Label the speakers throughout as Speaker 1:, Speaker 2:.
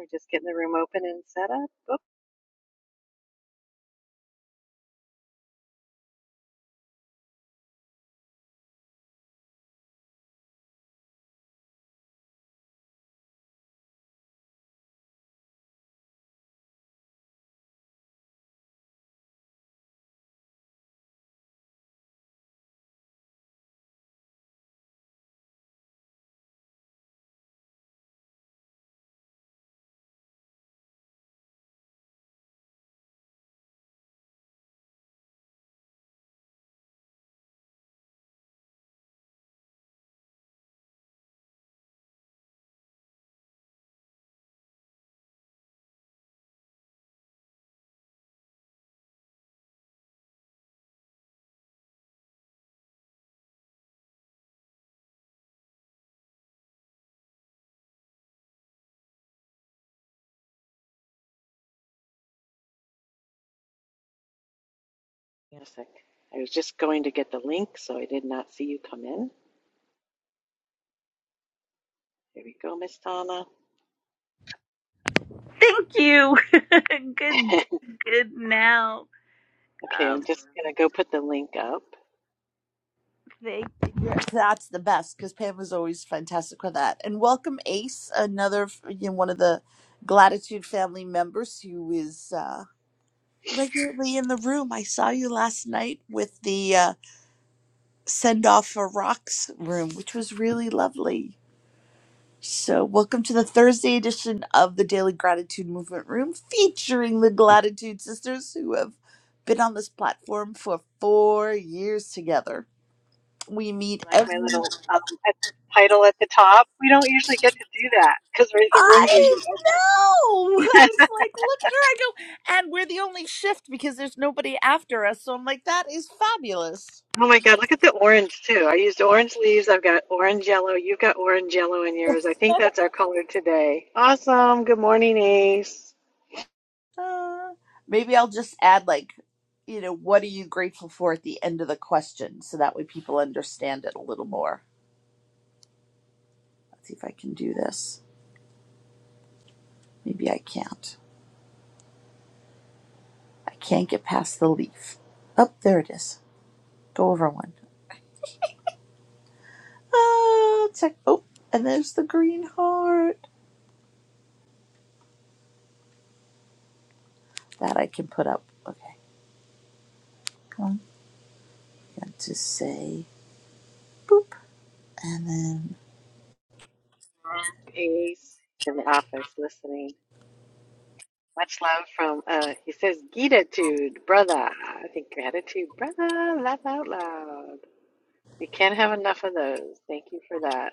Speaker 1: We're just getting the room open and set up. Oop, wait a sec. I was just going to get the link, so I did not see you come in. Here we go, Miss Donna.
Speaker 2: Thank you. good, good now.
Speaker 1: okay,
Speaker 2: Um,
Speaker 1: I'm just gonna go put the link up.
Speaker 2: thank you. Yeah, That's the best because Pam was always fantastic with that. And welcome Ace, another f- you know, one of the Gratitude family members who is uh, regularly in the room. I saw you last night with the uh, send off for rocks room, which was really lovely. So, welcome to the Thursday edition of the Daily Gratitude Movement Room featuring the Gratitude Sisters who have been on this platform for four years together. We meet
Speaker 1: Like my
Speaker 2: every.
Speaker 1: little um, title at the top. We don't usually get to do that because the room's
Speaker 2: I
Speaker 1: usually
Speaker 2: know! I
Speaker 1: open.
Speaker 2: was like, look at her. I go, and we're the only shift because there's nobody after us. So, I'm like, that is fabulous.
Speaker 1: oh my God! Look at the orange too. I used orange leaves. I've got orange yellow. You've got orange yellow in yours. I think that's our color today. Awesome. Good morning, Ace.
Speaker 2: Uh, maybe I'll just add, like, you know, what are you grateful for at the end of the question so that way people understand it a little more. Let's see if I can do this. Maybe I can't. I can't get past the leaf. Up oh, there it is. Go over one. Ah, check. Oh, and there's the green heart that I can put up. Okay, come on. And to say boop, and then
Speaker 1: Ace is in the office listening. Much love from, uh, he says, Gratitude, brother. I think gratitude, brother. Laugh out loud. We can't have enough of those. Thank you for that.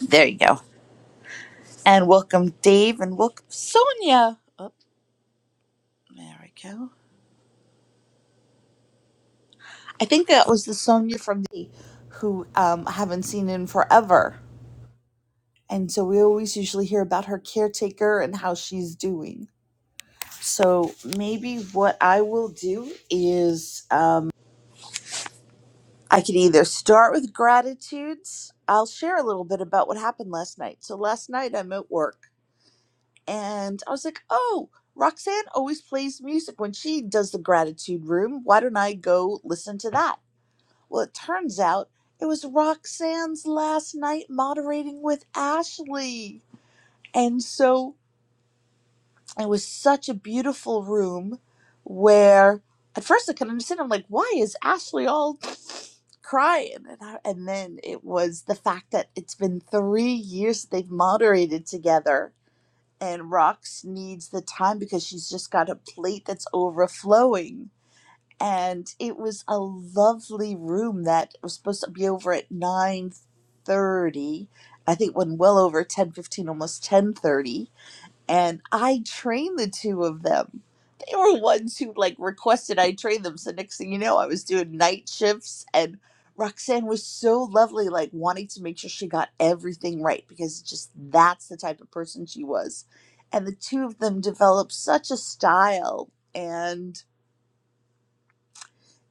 Speaker 2: there you go. And welcome Dave, and welcome Sonia. Oh, there we go. I think that was the Sonia from the who um, I haven't seen in forever. And so we always usually hear about her caretaker and how she's doing. So maybe what I will do is um, I can either start with gratitudes. I'll share a little bit about what happened last night. So last night I'm at work and I was like, oh, Roxanne always plays music when she does the gratitude room. Why don't I go listen to that? Well, it turns out it was Roxanne's last night moderating with Ashley. And so it was such a beautiful room where at first I couldn't understand. I'm like, why is Ashley all crying? And, I, and then it was the fact that it's been three years that they've moderated together. And Rox needs the time because she's just got a plate that's overflowing. And it was a lovely room that was supposed to be over at 9.30. I think it went well over 10.15, almost 10.30 and I trained the two of them. They were ones who like requested I train them. So next thing you know, I was doing night shifts, and Roxanne was so lovely, like wanting to make sure she got everything right because just that's the type of person she was. And the two of them developed such a style, and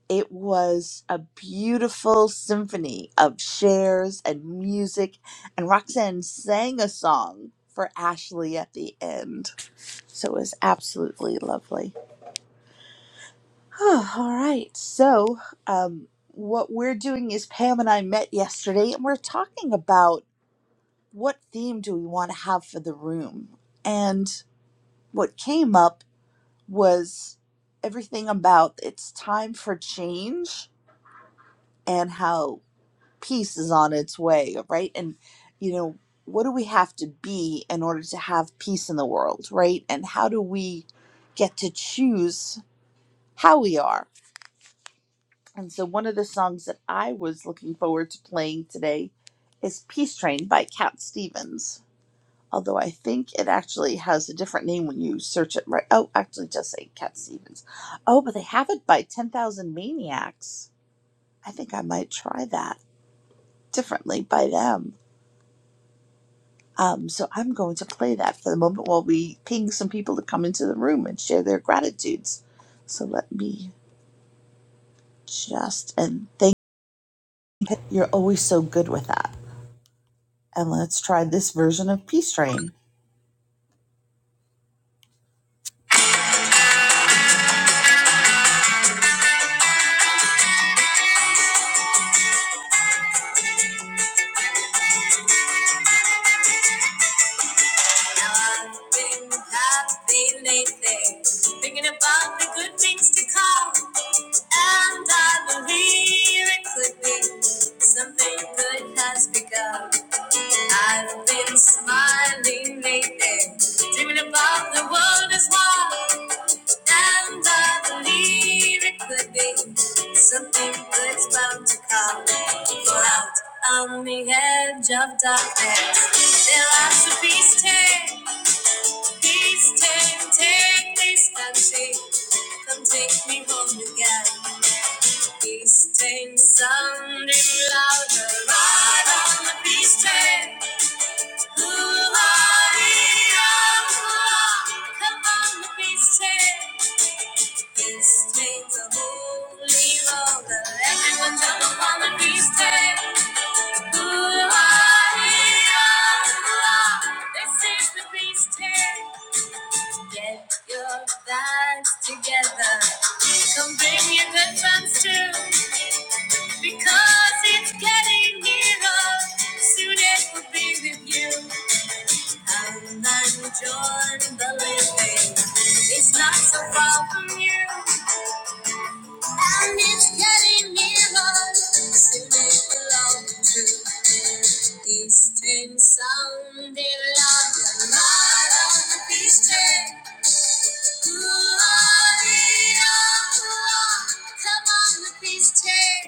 Speaker 2: it was a beautiful symphony of shares and music. And Roxanne sang a song for Ashley at the end so it was absolutely lovely. Oh, All right. So, um, what we're doing is Pam and I met yesterday and we're talking about what theme do we want to have for the room. And what came up was everything about it's time for change and how peace is on its way, right? And, you know, what do we have to be in order to have peace in the world, right? And how do we get to choose how we are? And so, one of the songs that I was looking forward to playing today is Peace Train by Cat Stevens. Although I think it actually has a different name when you search it right. Oh, actually, just say Cat Stevens. Oh, but they have it by 10,000 Maniacs. I think I might try that differently by them. Um, so, I'm going to play that for the moment while we ping some people to come into the room and share their gratitudes. So, let me just, and thank you're you You're always so good with that. And let's try this version of Peace Train. I've been happy lately, thinking about the good things to come. And I believe it could be something good has begun. I've been smiling lately, dreaming about the world as one. And I believe it could be something that's bound to come. For out on the edge of darkness, there lies a beast ten, beast ten, take this country, come take me home again. Beast ten, sounding louder, ride on the beast ten. Ooh, ah, yeah, ah. Come on, let me say. This means a holy road everyone jump on the feast day. Ooh, ah, yeah, ah. This is the feast Get your vibes together. Come bring your good friends too, because it's getting nearer. Soon it will be with you. And then join the living. It's not so far from you. And it's getting nearer. Soon it will all be true. Distant sound they love. The light of the beast. Gloria. Come on, the beast.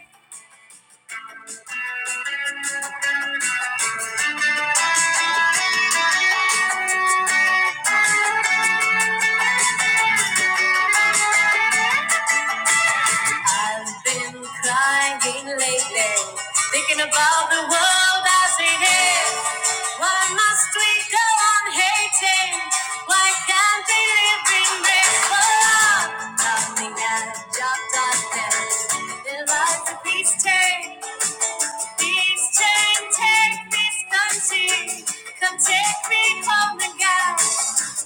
Speaker 2: I've been crying lately, thinking about the world as it is. Why must we go on hating? Why can't we live in this world? Nothing has dropped us There There was a peace train, peace train, take this country, come take me home again.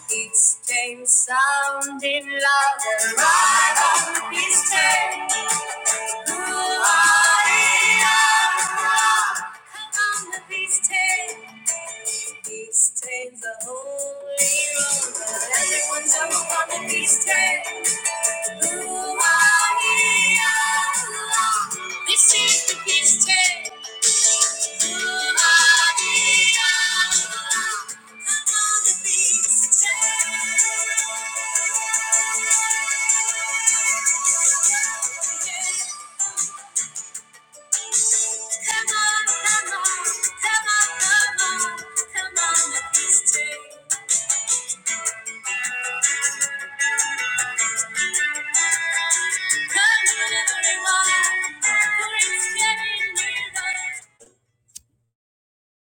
Speaker 2: Its chain sounding louder right on his head. Ooh, ah, eh, ah, ah. Come on, the these train. These trains the holy roller. Everyone jump on the peace train. these tails. This is the beast tail.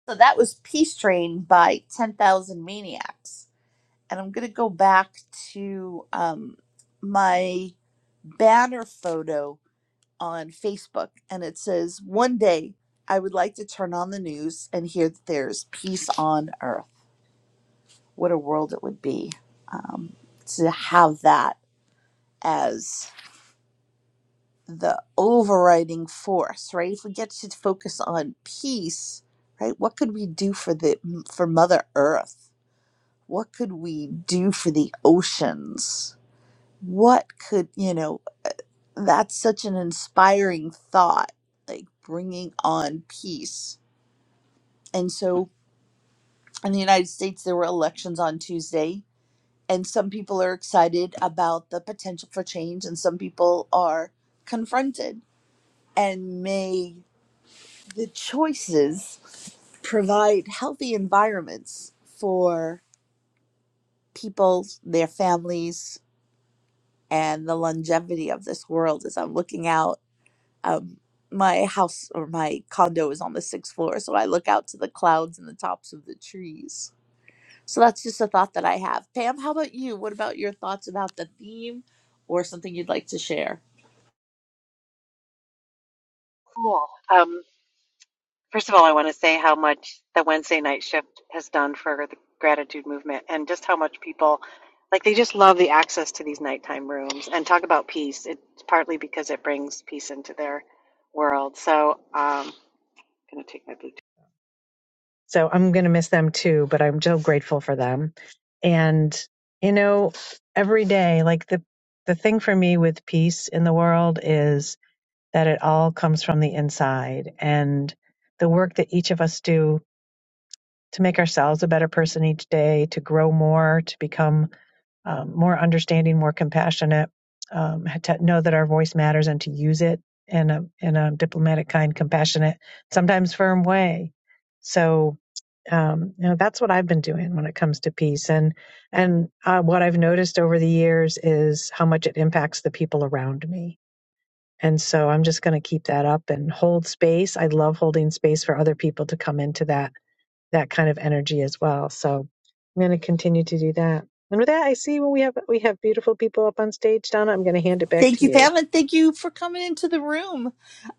Speaker 2: So that was Peace Train by 10,000 Maniacs. And I'm going to go back to um, my banner photo on Facebook and it says, One day I would like to turn on the news and hear that there's peace on earth. What a world it would be um, to have that as the overriding force, right? If we get to focus on peace, right? What could we do for the for Mother Earth? What could we do for the oceans? What could, you know, that's such an inspiring thought, like bringing on peace And so in the United States, there were elections on Tuesday, and some people are excited about the potential for change, and some people are confronted. And may the choices provide healthy environments for people, their families, and the longevity of this world. As I'm looking out, um, my house or my condo is on the sixth floor, so I look out to the clouds and the tops of the trees So that's just a thought that I have. Pam, how about you? What about your thoughts about the theme or something you'd like to share?
Speaker 1: Cool. Um, first of all, I want to say how much the Wednesday night shift has done for the gratitude movement and just how much people, like, they just love the access to these nighttime rooms and talk about peace. It's partly because it brings peace into their world. So, um, I'm going to take my Bluetooth. So I'm going to miss them too, but I'm so grateful for them. And, you know, every day, like the, the thing for me with peace in the world is that it all comes from the inside and the work that each of us do to make ourselves a better person each day, to grow more, to become um, more understanding, more compassionate, um, to know that our voice matters and to use it in a in a diplomatic, kind, compassionate, sometimes firm way. So um, you know that's what I've been doing when it comes to peace, and and uh, what I've noticed over the years is how much it impacts the people around me. And so I'm just going to keep that up and hold space. I love holding space for other people to come into that that kind of energy as well. So I'm going to continue to do that. And with that, I see well, we have we have beautiful people up on stage, Donna. I'm going to hand it back
Speaker 2: Thank
Speaker 1: to
Speaker 2: you,
Speaker 1: you.
Speaker 2: Pam, and thank you for coming into the room.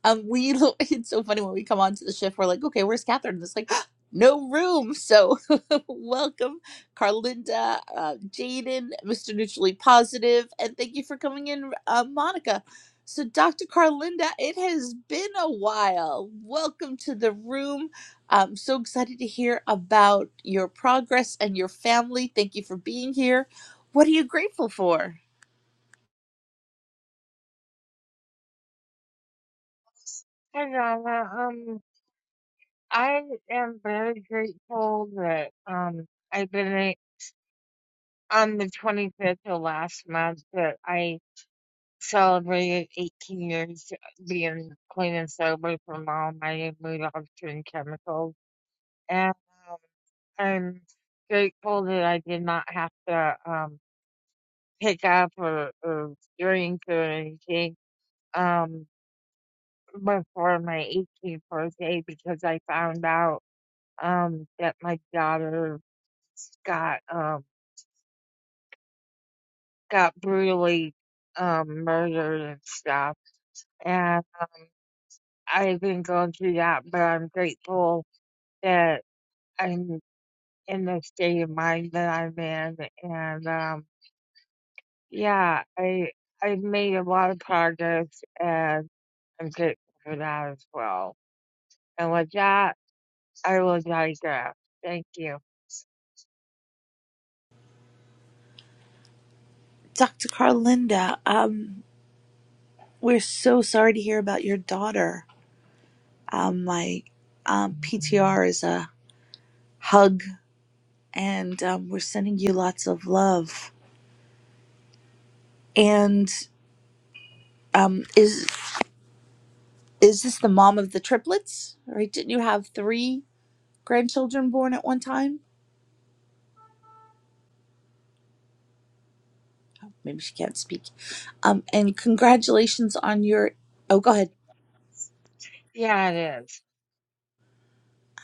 Speaker 2: Um, we it's so funny when we come onto the shift, we're like, okay, where's Catherine? And It's like no room. So welcome, Carlinda, uh, Jaden, Mr. Neutrally Positive, and thank you for coming in, uh, Monica. So, Dr. Carlinda, it has been a while. Welcome to the room. I'm so excited to hear about your progress and your family. Thank you for being here. What are you grateful for?
Speaker 3: Hi, Donna. Um, I am very grateful that um I've been a- on the 25th of last month that I celebrated 18 years being clean and sober from all my mood altering chemicals, and um, I'm grateful that I did not have to um pick up or, or drink or anything um before my 18th birthday because I found out. um, that my daughter got um, got brutally um, murdered and stuff. And um, I've been going through that, but I'm grateful that I'm in the state of mind that I'm in. And um, yeah, I I've made a lot of progress, and I'm grateful for that as well. And with that, I will digress. Thank you.
Speaker 2: Dr. Carlinda, um, we're so sorry to hear about your daughter. Um, my um, PTR is a hug, and um, we're sending you lots of love. And um, is is this the mom of the triplets? Right? Didn't you have three grandchildren born at one time? Maybe she can't speak. Um, and congratulations on your. Oh, go ahead.
Speaker 3: Yeah, it is.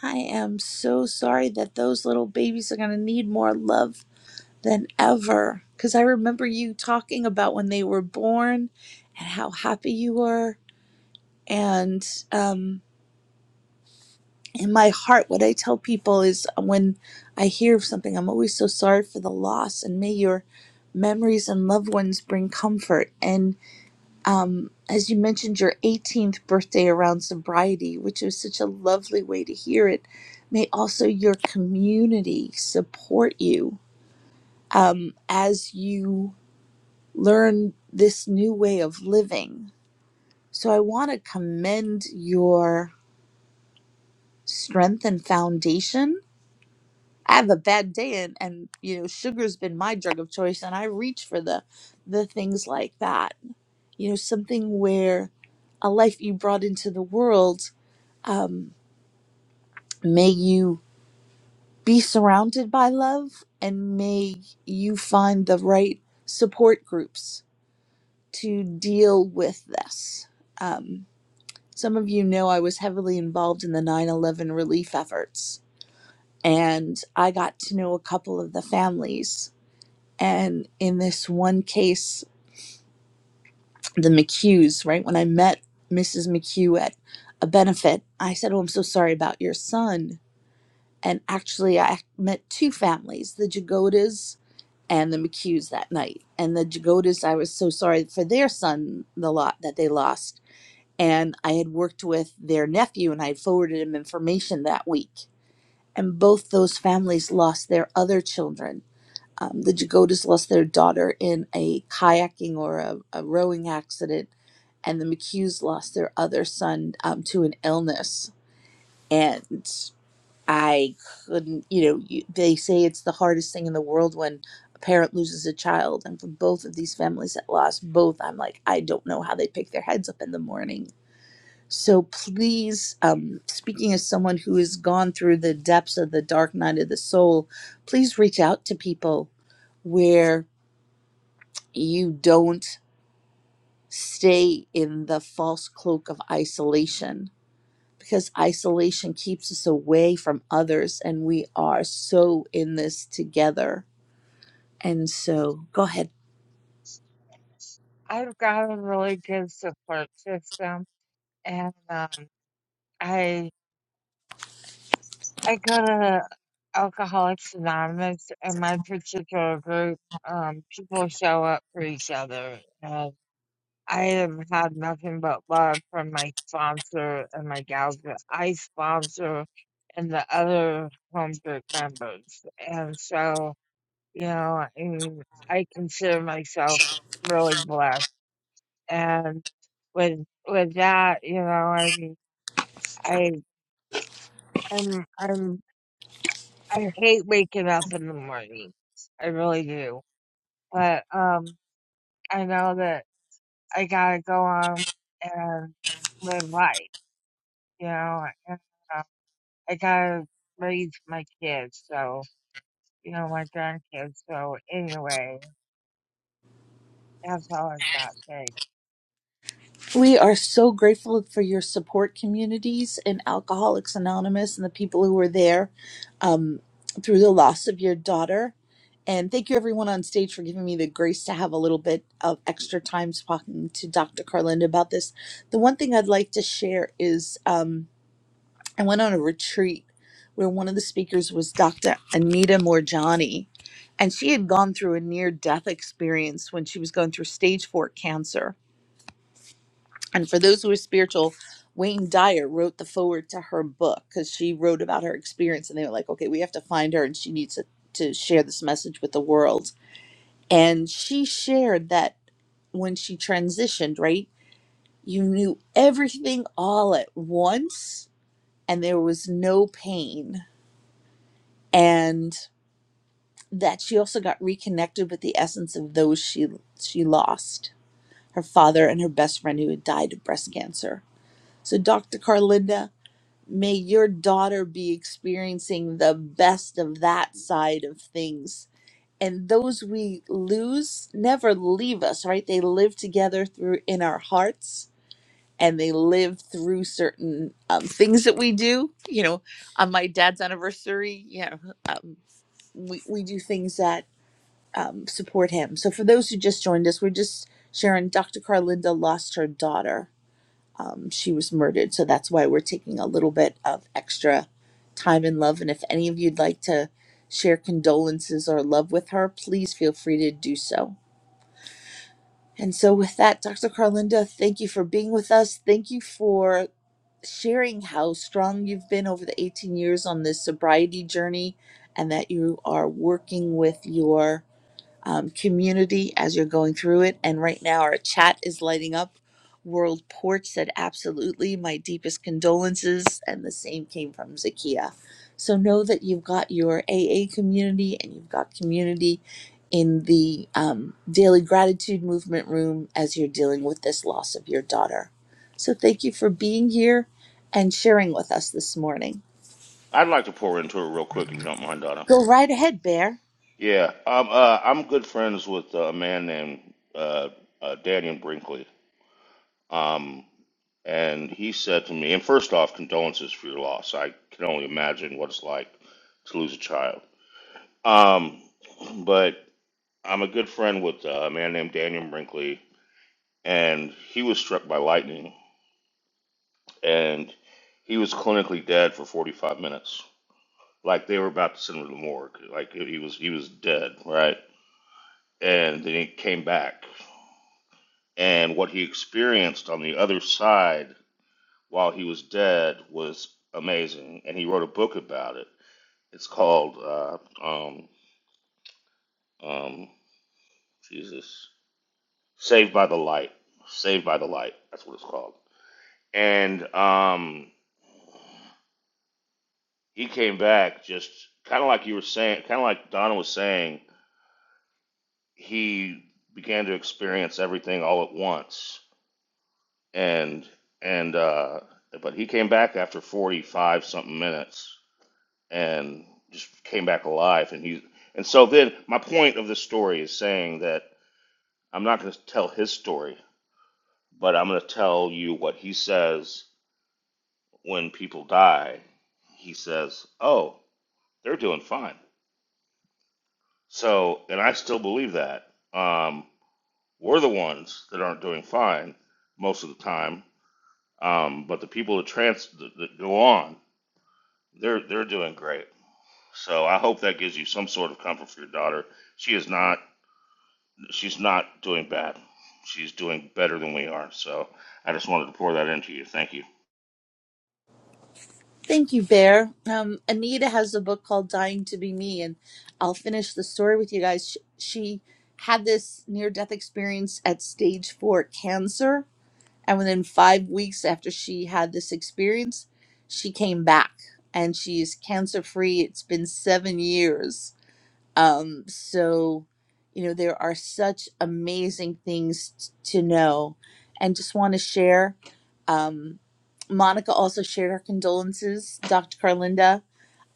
Speaker 2: I am so sorry that those little babies are going to need more love than ever. Because I remember you talking about when they were born and how happy you were. And um, in my heart, what I tell people is um, when I hear of something, I'm always so sorry for the loss, and may your memories and loved ones bring comfort. And um, as you mentioned, your 18th birthday around sobriety, which was such a lovely way to hear it. May also your community support you um, as you learn this new way of living. So I want to commend your strength and foundation. I have a bad day and, and you know sugar's been my drug of choice and I reach for the the things like that. You know something where a life you brought into the world um, may you be surrounded by love and may you find the right support groups to deal with this. Um, Some of you know I was heavily involved in the 9 11 relief efforts, and I got to know a couple of the families. And in this one case, the McHughes, right? When I met Mrs. McHugh at a benefit, I said, Oh, I'm so sorry about your son. And actually, I met two families, the Jagodas and the McHughes that night. And the Jagodas, I was so sorry for their son, the lot that they lost and I had worked with their nephew and I had forwarded him information that week. And both those families lost their other children. Um, the Jagodas lost their daughter in a kayaking or a, a rowing accident, and the McHughes lost their other son um, to an illness. And I couldn't, you know, you, they say it's the hardest thing in the world when a parent loses a child. And for both of these families that lost both, I'm like, I don't know how they pick their heads up in the morning so please, um, speaking as someone who has gone through the depths of the dark night of the soul, please reach out to people where you don't stay in the false cloak of isolation because isolation keeps us away from others and we are so in this together. And so go ahead.
Speaker 3: I've got a really good support system and um, I I go to Alcoholics Anonymous, and my particular group, um, people show up for each other. And I have had nothing but love from my sponsor and my gals that I sponsor, and the other home group members. And so, you know, I, mean, I consider myself really blessed. And with with that, you know, I mean, I I'm I'm I hate waking up in the morning. I really do. But um I know that I gotta go on and live life, you know, and uh, I gotta raise my kids, so you know, my grandkids. So anyway, that's all I've got. Thanks.
Speaker 2: We are so grateful for your support communities and Alcoholics Anonymous and the people who were there um, through the loss of your daughter. And thank you, everyone on stage, for giving me the grace to have a little bit of extra time talking to Dr. Carlinda about this. The one thing I'd like to share is um, I went on a retreat where one of the speakers was Dr. Anita Morjani, and she had gone through a near death experience when she was going through stage four cancer and for those who are spiritual, Wayne Dyer wrote the forward to her book because she wrote about her experience, and they were like, "Okay, we have to find her, and she needs to, to share this message with the world." And she shared that when she transitioned, right, you knew everything all at once, and there was no pain, and that she also got reconnected with the essence of those she she lost, her father and her best friend who had died of breast cancer. So, Dr. Carlinda, May your daughter be experiencing the best of that side of things. And those we lose never leave us, right? They live together through in our hearts and they live through certain um, things that we do. You know, on my dad's anniversary, you know, um, we, we do things that um, support him. So for those who just joined us, we're just sharing Dr. Carlinda lost her daughter um, she was murdered. So that's why we're taking a little bit of extra time and love. And if any of you'd like to share condolences or love with her, please feel free to do so. And so, with that, Dr. Carlinda, thank you for being with us. Thank you for sharing how strong you've been over the 18 years on this sobriety journey and that you are working with your um, community as you're going through it. And right now, our chat is lighting up. World Porch said, Absolutely, my deepest condolences. And the same came from Zakia. So know that you've got your AA community and you've got community in the um, Daily Gratitude Movement room as you're dealing with this loss of your daughter. So thank you for being here and sharing with us this morning.
Speaker 4: I'd like to pour into it real quick if you don't mind, Donna.
Speaker 2: Go right ahead, Bear.
Speaker 4: Yeah, um, uh, I'm good friends with uh, a man named uh, uh, Daniel Brinkley. Um, and he said to me, and first off, condolences for your loss. I can only imagine what it's like to lose a child. Um, but I'm a good friend with uh, a man named Daniel Brinkley, and he was struck by lightning, and he was clinically dead for 45 minutes. Like they were about to send him to the morgue. Like he was, he was dead, right? and then he came back. And what he experienced on the other side while he was dead was amazing. And he wrote a book about it. It's called uh, um, um, Jesus Saved by the Light. Saved by the Light. That's what it's called. And um, he came back just kind of like you were saying, kind of like Donna was saying. He began to experience everything all at once and and uh, but he came back after 45 something minutes and just came back alive and he and so then my point of this story is saying that i'm not going to tell his story but i'm going to tell you what he says when people die he says oh they're doing fine so and i still believe that um, we're the ones that aren't doing fine most of the time um, but the people that trans that that go on They're they're doing great. So I hope that gives you some sort of comfort for your daughter. She is not she's not doing bad. She's doing better than we are. So I just wanted to pour that into you. Thank you.
Speaker 2: Thank you, Bear. Um, Anita has a book called Dying to Be Me, and I'll finish the story with you guys. She, she had this near death experience at stage four cancer, and within five weeks after she had this experience, she came back and she's cancer free. It's been seven years um, so, you know, there are such amazing things t- to know. And just want to share um, Monica also shared her condolences, Dr. Carlinda.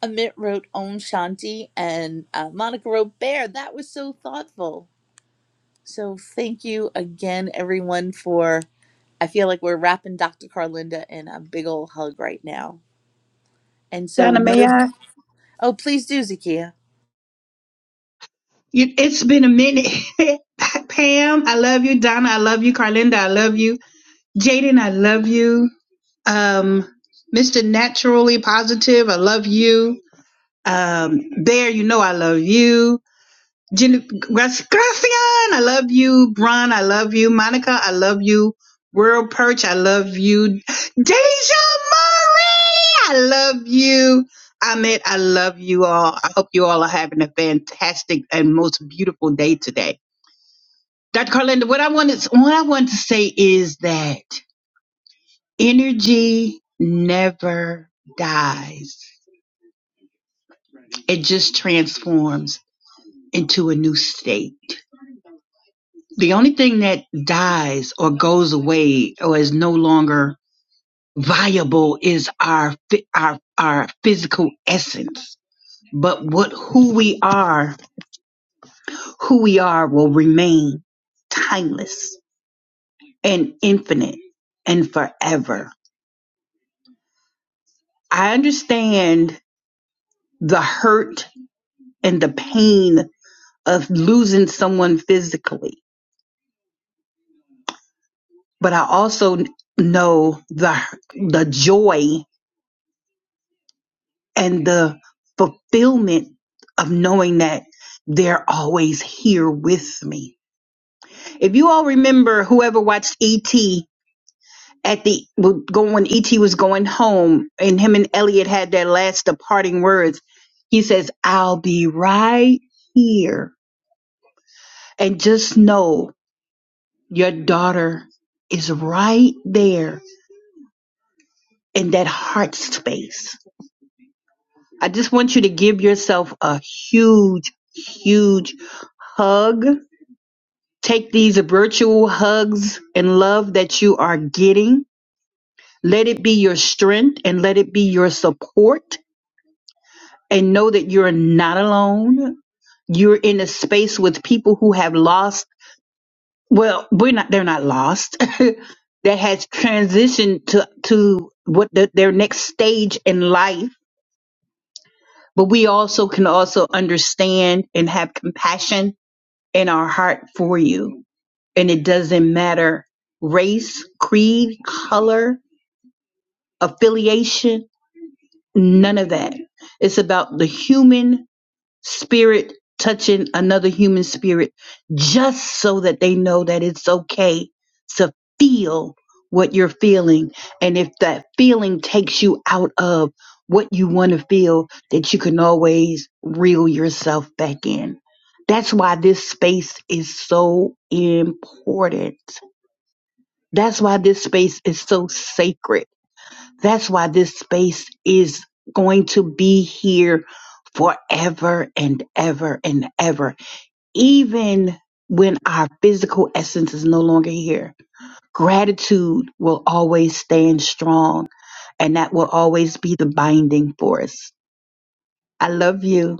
Speaker 2: Amit wrote Om Shanti, and uh, Monica wrote Bear. That was so thoughtful. So, thank you again, everyone, for. I feel like we're wrapping Dr. Carlinda in a big old hug right now. And so,
Speaker 5: Donna,
Speaker 2: no.
Speaker 5: may I?
Speaker 2: Oh, please do, Zakia.
Speaker 5: You, it's been a minute. Pam, I love you. Donna, I love you. Carlinda, I love you. Jaden, I love you. Um, Mr. Naturally Positive, I love you. Um, Bear, you know I love you. Jen- Gracian, I love you. Bron, I love you. Monica, I love you. World Perch, I love you. Deja Marie, I love you. Ahmed, I love you all. I hope you all are having a fantastic and most beautiful day today. Dr. Carlinda, what I wanted, what I want to say is that energy never dies. It just transforms into a new state. The only thing that dies or goes away or is no longer viable is our our our physical essence. But what who we are, who we are will remain timeless and infinite and forever. I understand the hurt and the pain of losing someone physically, but I also know the the joy and the fulfillment of knowing that they're always here with me. If you all remember, whoever watched ET at the well, when ET was going home, and him and Elliot had their last departing words, he says, "I'll be right here," and just know your daughter is right there in that heart space. I just want you to give yourself a huge, huge hug Take these virtual hugs and love that you are getting. Let it be your strength and let it be your support. And know that you're not alone. You're in a space with people who have lost. Well, we're not, they're not lost. that has transitioned to, to what the, their next stage in life. But we also can also understand and have compassion in our heart for you and it doesn't matter race, creed, color, affiliation, none of that. It's about the human spirit touching another human spirit just so that they know that it's okay to feel what you're feeling. And if that feeling takes you out of what you want to feel, that you can always reel yourself back in. That's why this space is so important that's why this space is so sacred. That's why this space is going to be here forever and ever and ever. Even when our physical essence is no longer here, gratitude will always stand strong and that will always be the binding force. I love you.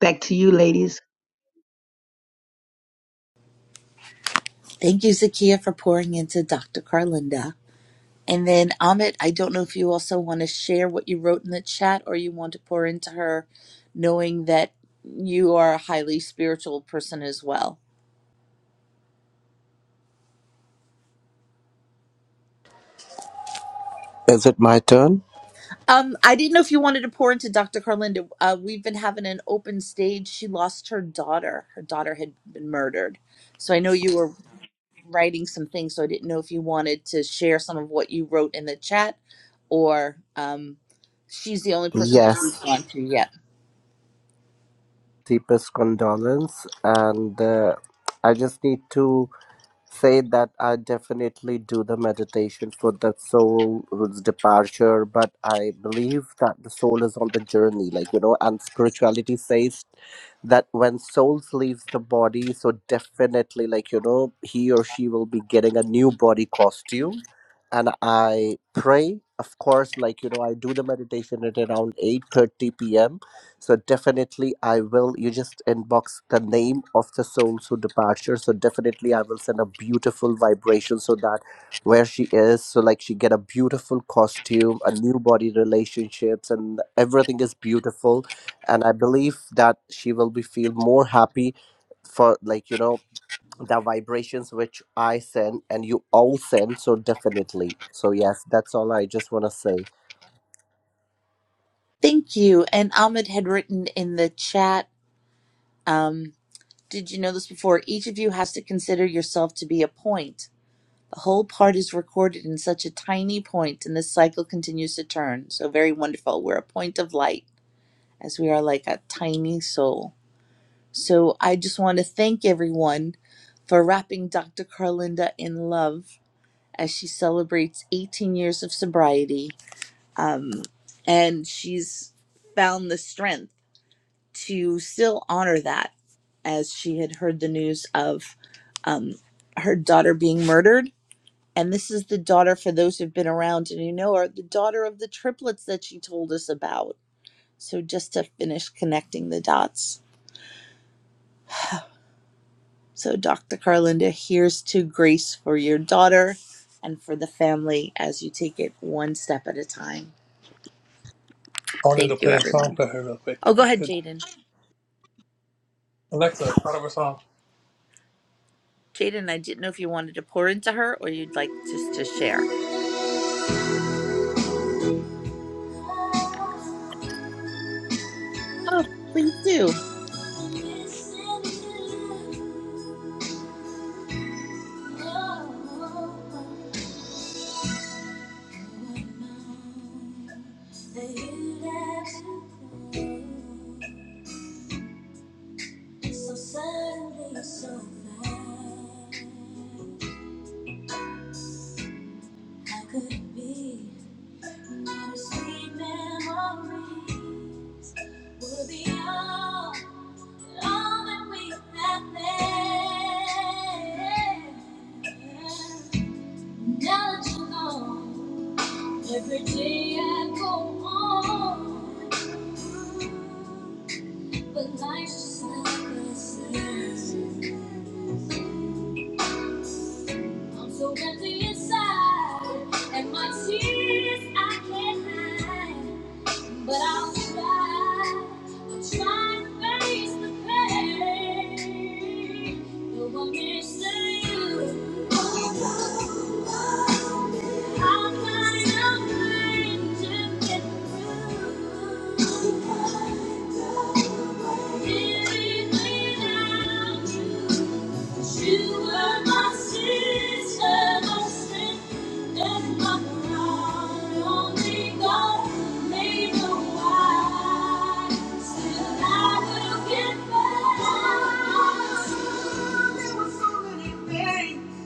Speaker 5: Back to you, ladies.
Speaker 2: Thank you, Zakia, for pouring into Dr. Carlinda. And then Amit, I don't know if you also want to share what you wrote in the chat or you want to pour into her, knowing that you are a highly spiritual person as well.
Speaker 6: Is it my turn?
Speaker 2: Um, I didn't know if you wanted to pour into Dr. Carlinda. Uh, we've been having an open stage. She lost her daughter. Her daughter had been murdered. So I know you were writing some things. So I didn't know if you wanted to share some of what you wrote in the chat or um, she's the only person that we've gone
Speaker 6: Yes,
Speaker 2: to yet.
Speaker 6: deepest condolence, and uh, I just need to. say that I definitely do the meditation for the soul's departure, but I believe that the soul is on the journey, like you know, and spirituality says that when souls leaves the body, so definitely like you know, he or she will be getting a new body costume. And I pray, of course, like you know, I do the meditation at around eight thirty p.m so definitely I will you just inbox the name of the soul so departure. So definitely I will send a beautiful vibration so that where she is, so like she get a beautiful costume, a new body relationships and everything is beautiful. And I believe that she will be feel more happy for like, you know, the vibrations which I send and you all send. So definitely. So yes, that's all I just wanna say.
Speaker 2: Thank you. And Ahmed had written in the chat, um, did you know this before? Each of you has to consider yourself to be a point. The whole part is recorded in such a tiny point, and this cycle continues to turn. So, very wonderful. We're a point of light, as we are like a tiny soul. So, I just want to thank everyone for wrapping Dr. Carlinda in love as she celebrates 18 years of sobriety. Um, and she's found the strength. to still honor that as she had heard the news of um, her daughter being murdered. And this is the daughter, for those who've been around and you know her, the daughter of the triplets that she told us about. So just to finish connecting the dots. So, Dr. Carlinda, here's to grace for your daughter and for the family as you take it one step at a time.
Speaker 7: I wanted to
Speaker 2: Thank you,
Speaker 7: play a song
Speaker 2: everyone.
Speaker 7: for her real quick
Speaker 2: Oh,
Speaker 7: if
Speaker 2: go
Speaker 7: I
Speaker 2: ahead,
Speaker 7: could.
Speaker 2: Jaden.
Speaker 7: Alexa, start up a song.
Speaker 2: Jaden, I didn't know if you wanted to pour into her or you'd like just to share. Oh, please do.
Speaker 7: So so be all. All that we have left, now that you're gone, every day I go on, but life's just not the same. I'm so empty inside, and my tears I can't hide. But I'll survive. I'll try to face the pain. Though I'm missing you. I'll find a way to get through. Living without you. You were my sister, my strength, and my crown. Only God made me wise. Still, I will get back. There were so many things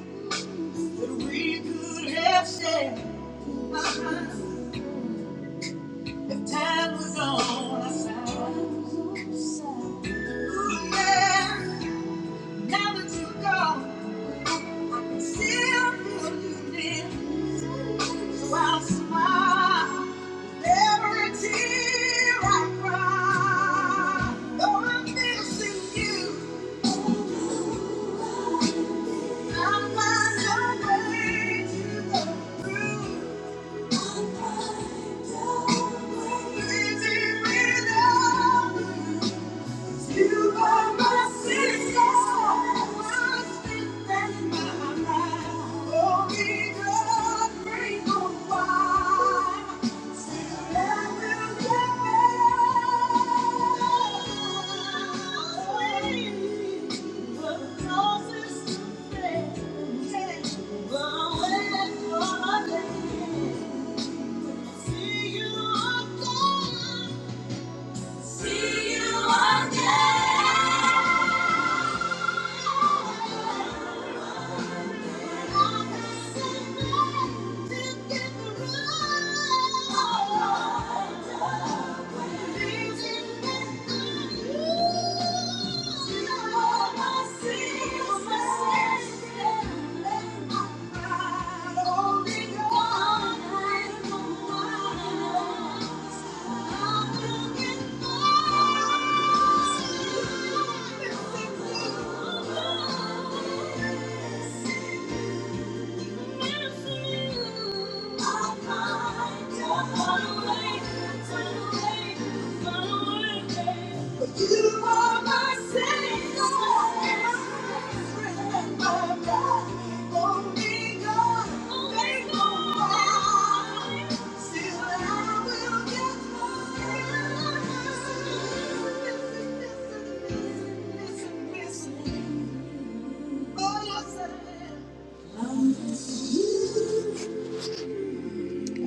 Speaker 7: that we could have said. If time was on our side. Ooh, yeah. Now that you're gone, I still feel you near. i smile every tear I cry. Though I'm missing you, i find a way to go through. Living without you, you are my sister, my strength and my life. Oh, be the grateful See you again. Thank you.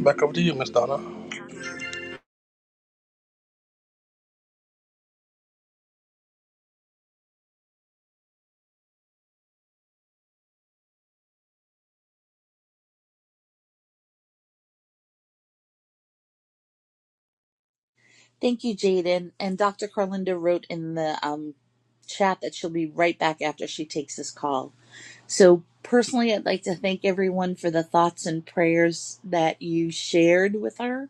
Speaker 7: Back over to you, Miss Donna.
Speaker 2: Thank you, Jaden. And Dr. Carlinda wrote in the um, chat that she'll be right back after she takes this call. So, personally, I'd like to thank everyone for the thoughts and prayers that you shared with her.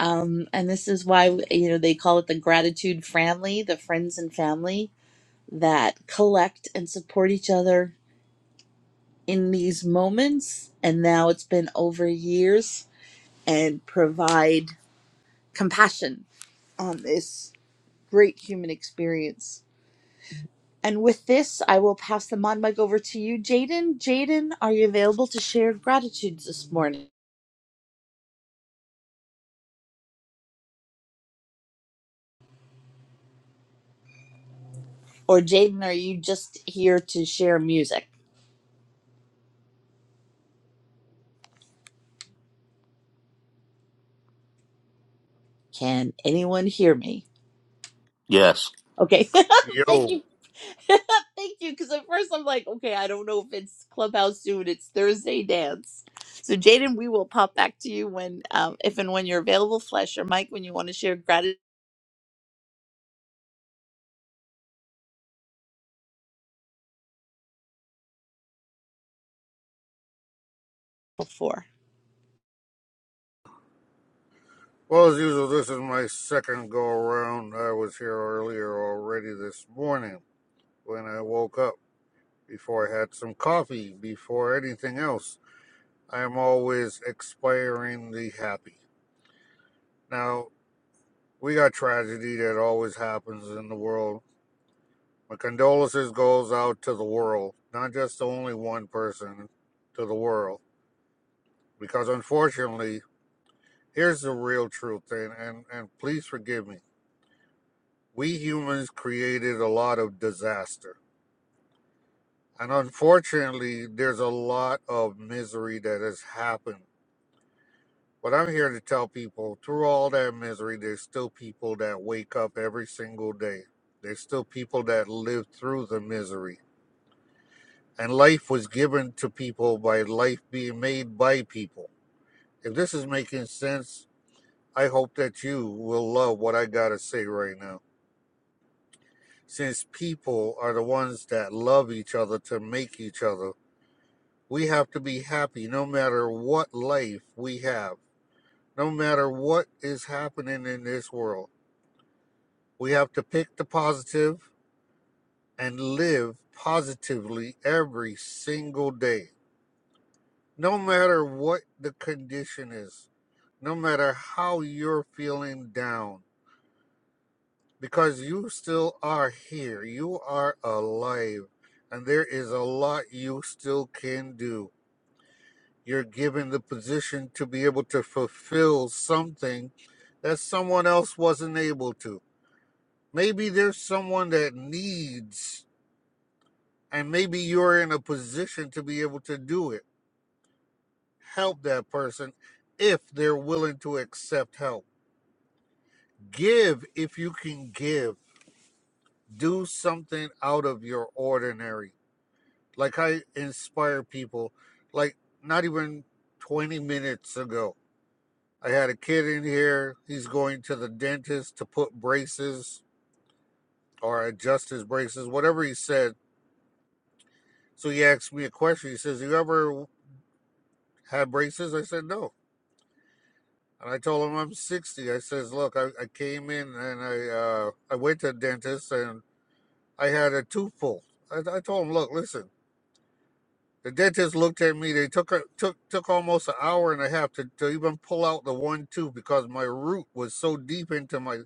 Speaker 2: Um, and this is why, you know, they call it the gratitude family, the friends and family that collect and support each other in these moments. And now it's been over years and provide compassion on this great human experience And with this, I will pass the mod mic over to you, Jaden. Jaden, are you available to share gratitudes this morning? Or, Jaden, are you just here to share music? Can anyone hear me?
Speaker 4: Yes.
Speaker 2: Okay. Thank
Speaker 8: Yo.
Speaker 2: you. Thank you. Because at first I'm like, okay, I don't know if it's Clubhouse soon. It's Thursday dance. So, Jaden, we will pop back to you when, um, if and when you're available, flash your mic when you want to share gratitude for.
Speaker 8: Well, as usual, this is my second go around. I was here earlier already this morning when I woke up, before I had some coffee, before anything else. I am always expiringly happy. Now, we got tragedy that always happens in the world. My condolences goes out to the world, not just to only one person, to the world. Because unfortunately, here's the real truth, and, and, and please forgive me. we humans created a lot of disaster. And unfortunately, there's a lot of misery that has happened. But I'm here to tell people through all that misery, there's still people that wake up every single day. There's still people that live through the misery. And life was given to people by life being made by people. If this is making sense, I hope that you will love what I got to say right now. Since people are the ones that love each other to make each other, We have to be happy no matter what life we have, no matter what is happening in this world. We have to pick the positive and live positively every single day, no matter what the condition is, no matter how you're feeling down, because you still are here. You are alive, and there is a lot you still can do. You're given the position to be able to fulfill something that someone else wasn't able to. Maybe there's someone that needs, and maybe you're in a position to be able to do it. Help that person if they're willing to accept help. Give if you can give. Do something out of your ordinary. Like I inspire people, like not even 20 minutes ago. I had a kid in here. He's going to the dentist to put braces or adjust his braces, whatever he said. So he asked me a question. He says, You ever had braces? I said, No. And I told him I'm 60. I says, Look, I, I came in and I uh, I went to the dentist and I had a tooth pulled. I, I told him, Look, listen. The dentist looked at me. They took took took almost an hour and a half to, to even pull out the one tooth because my root was so deep into my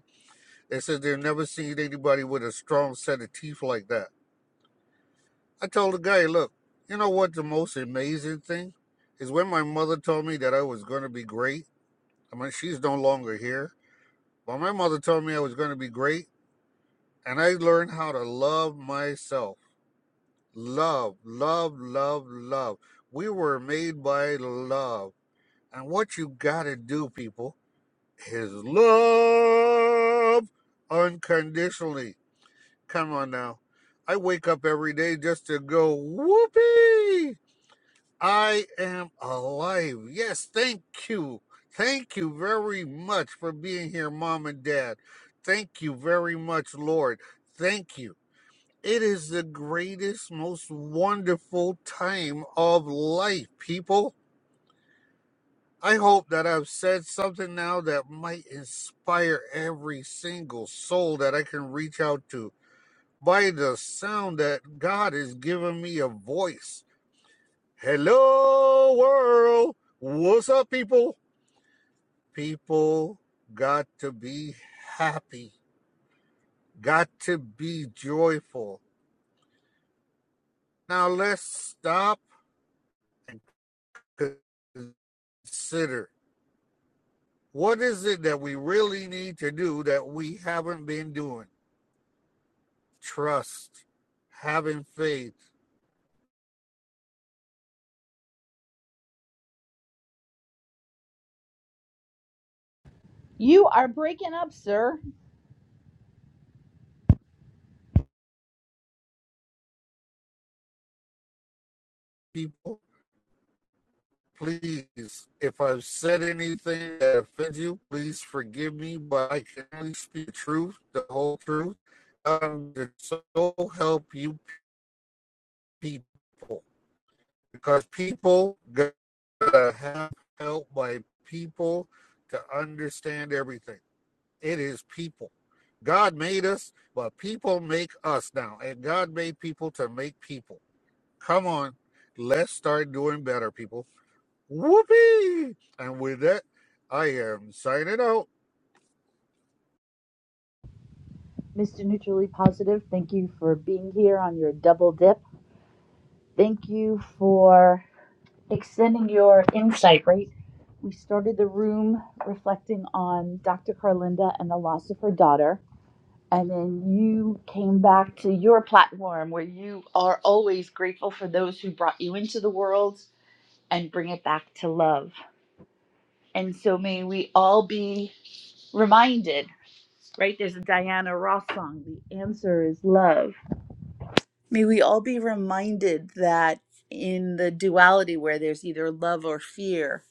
Speaker 8: They said they've never seen anybody with a strong set of teeth like that. I told the guy, look, you know what the most amazing thing is when my mother told me that I was going to be great. I mean, she's no longer here, but my mother told me I was going to be great. And I learned how to love myself. Love, love, love, love. We were made by love. And what you got to do, people, is love unconditionally Come on now. I wake up every day just to go, whoopee! I am alive. Yes, thank you. Thank you very much for being here, mom and dad. Thank you very much, Lord. Thank you. It is the greatest, most wonderful time of life, people. I hope that I've said something now that might inspire every single soul that I can reach out to by the sound that God is giving me a voice. Hello, world. What's up, people? People got to be happy, got to be joyful. Now, let's stop and consider what is it that we really need to do that we haven't been doing? Trust, having faith,
Speaker 2: You are breaking up, sir.
Speaker 8: people Please, if I've said anything that offends you, please forgive me, but I can only speak the truth, the whole truth. Um, so help you people. Because people gotta have help by people to understand everything. It is people. God made us, but people make us now. And God made people to make people. Come on, let's start doing better, people. Whoopee! And with that, I am signing out.
Speaker 2: Mr. Neutrally Positive, thank you for being here on your double dip. Thank you for extending your insight, right? We started the room reflecting on Dr. Carlinda and the loss of her daughter. And then you came back to your platform where you are always grateful for those who brought you into the world and bring it back to love. And so may we all be reminded, right? There's a Diana Ross song, The Answer is Love May we all be reminded that in the duality where there's either love or fear,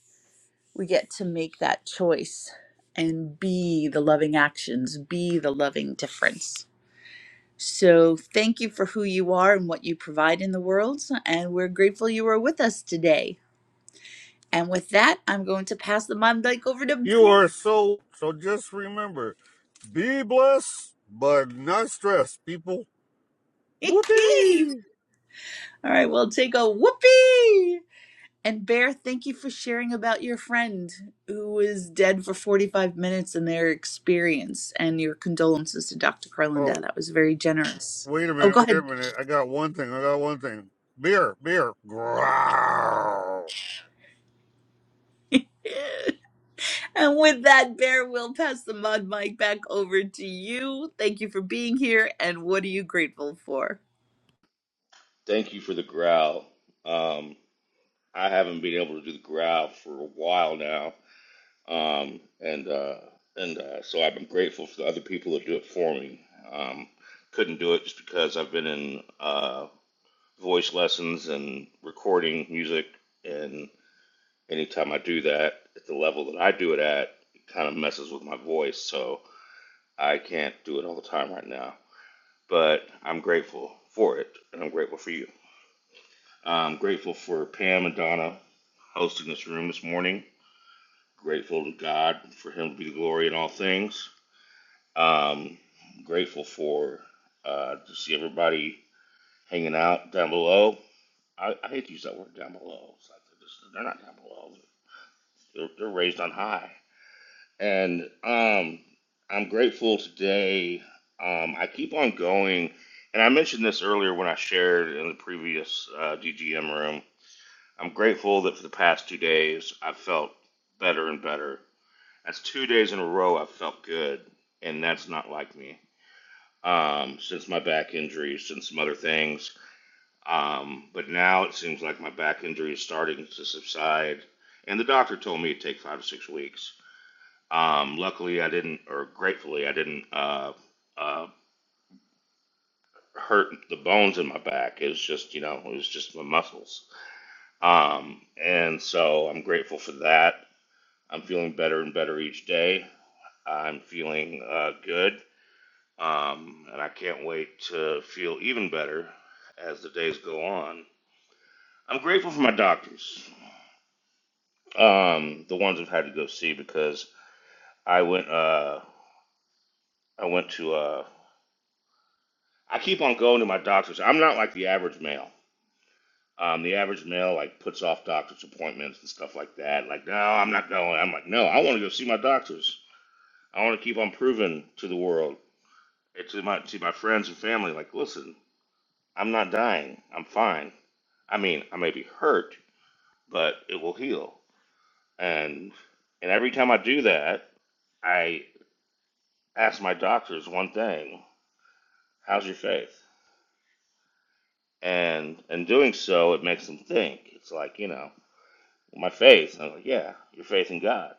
Speaker 2: we get to make that choice and be the loving actions, be the loving difference. So, thank you for who you are and what you provide in the world. And we're grateful you were with us today. And with that, I'm going to pass the mic over to
Speaker 8: You are so so. Just remember, be blessed but not stressed, people. Whoopee!
Speaker 2: All right, we'll take a whoopee. And Bear, thank you for sharing about your friend who was dead for 45 minutes and their experience and your condolences to Dr.
Speaker 8: Oh,
Speaker 2: Carlinda. That was very generous.
Speaker 8: wait a
Speaker 2: Oh,
Speaker 8: minute,
Speaker 2: go
Speaker 8: wait a
Speaker 2: ahead.
Speaker 8: minute. I got one thing. I got one thing. Beer, beer. Growl.
Speaker 2: And with that, Bear, we'll pass the mod mic back over to you. Thank you for being here. And what are you grateful for?
Speaker 4: Thank you for the growl. Um, I haven't been able to do the growl for a while now, um, and uh, and uh, so I've been grateful for the other people that do it for me. Um, couldn't do it just because I've been in uh, voice lessons and recording music, and anytime I do that at the level that I do it at, it kind of messes with my voice. So I can't do it all the time right now. But I'm grateful for it, and I'm grateful for you. I'm grateful for Pam and Donna hosting this room this morning. Grateful to God for Him to be the glory in all things. Um, grateful for uh, to see everybody hanging out down below. I, I hate to use that word down below. It's like they're, just, they're not down below. They're, they're raised on high And um, I'm grateful today. Um, I keep on going, and I mentioned this earlier when I shared in the previous uh, DGM room. I'm grateful that for the past two days I've felt better and better. That's two days in a row I've felt good, and that's not like me. Um, since my back injury, since some other things. Um, but now it seems like my back injury is starting to subside, and the doctor told me it'd take five to six weeks. Um, luckily, I didn't, or gratefully, I didn't uh, uh, hurt the bones in my back. It was just, you know, it was just my muscles. Um, and so I'm grateful for that. I'm feeling better and better each day. I'm feeling uh, good. Um, and I can't wait to feel even better as the days go on. I'm grateful for my doctors, um, the ones I've had to go see because I went, uh, I went to, uh, I keep on going to my doctors. I'm not like the average male. Um, the average male like puts off doctor's appointments and stuff like that. Like, no, I'm not going. I'm like, no, I want to go see my doctors. I want to keep on proving to the world, and to my to my friends and family, like, listen, I'm not dying. I'm fine. I mean, I may be hurt, but it will heal. And and every time I do that, I ask my doctors one thing: How's your faith? And in doing so, it makes them think. It's like you know. My faith. I'm like, yeah, you're faith in God.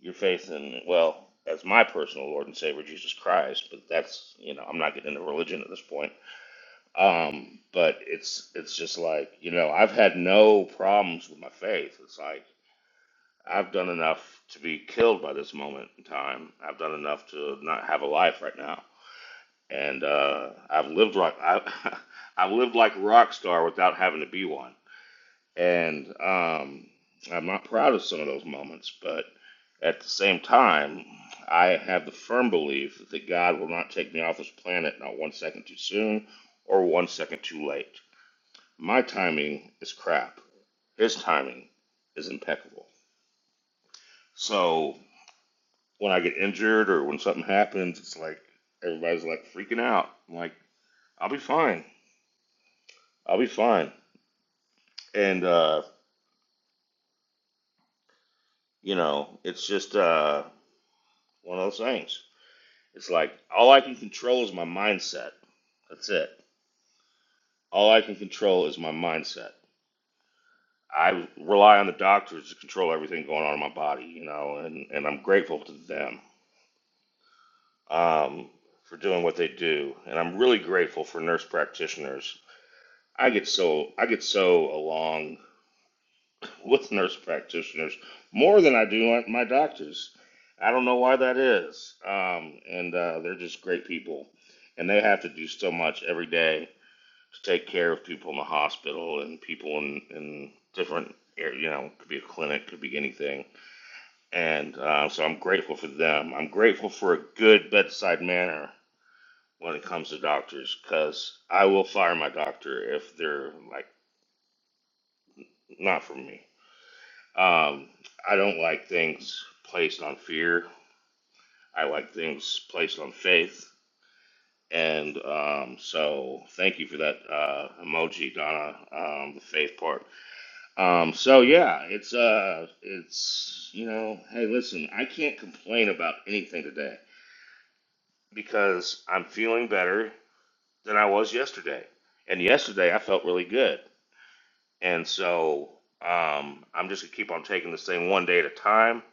Speaker 4: Your faith in, well, as my personal Lord and Savior, Jesus Christ. But that's, you know, I'm not getting into religion at this point. Um, but it's, it's just like, you know, I've had no problems with my faith. It's like, I've done enough to be killed by this moment in time. I've done enough to not have a life right now. And, uh, I've lived like, I, I've lived like a rock star without having to be one. And um, I'm not proud of some of those moments, but at the same time, I have the firm belief that God will not take me off this planet not one second too soon or one second too late. My timing is crap. His timing is impeccable. So when I get injured or when something happens, it's like everybody's like freaking out. I'm like, I'll be fine. I'll be fine. And, uh, you know, it's just uh, one of those things. It's like all I can control is my mindset. That's it. All I can control is my mindset. I rely on the doctors to control everything going on in my body, you know, and, and I'm grateful to them um, for doing what they do. And I'm really grateful for nurse practitioners. I get so I get so along with nurse practitioners more than I do my doctors. I don't know why that is. Um, and uh, they're just great people, and they have to do so much every day to take care of people in the hospital and people in, in different ar- you know could be a clinic could be anything and uh, so i'm grateful for them i'm grateful for a good bedside manner when it comes to doctors because i will fire my doctor if they're like not for me um, i don't like things placed on fear i like things placed on faith and um, so thank you for that uh, emoji donna um, the faith part Um, so yeah, it's uh, it's you know, hey, listen, I can't complain about anything today because I'm feeling better than I was yesterday, and yesterday I felt really good, and so um, I'm just gonna keep on taking this thing one day at a time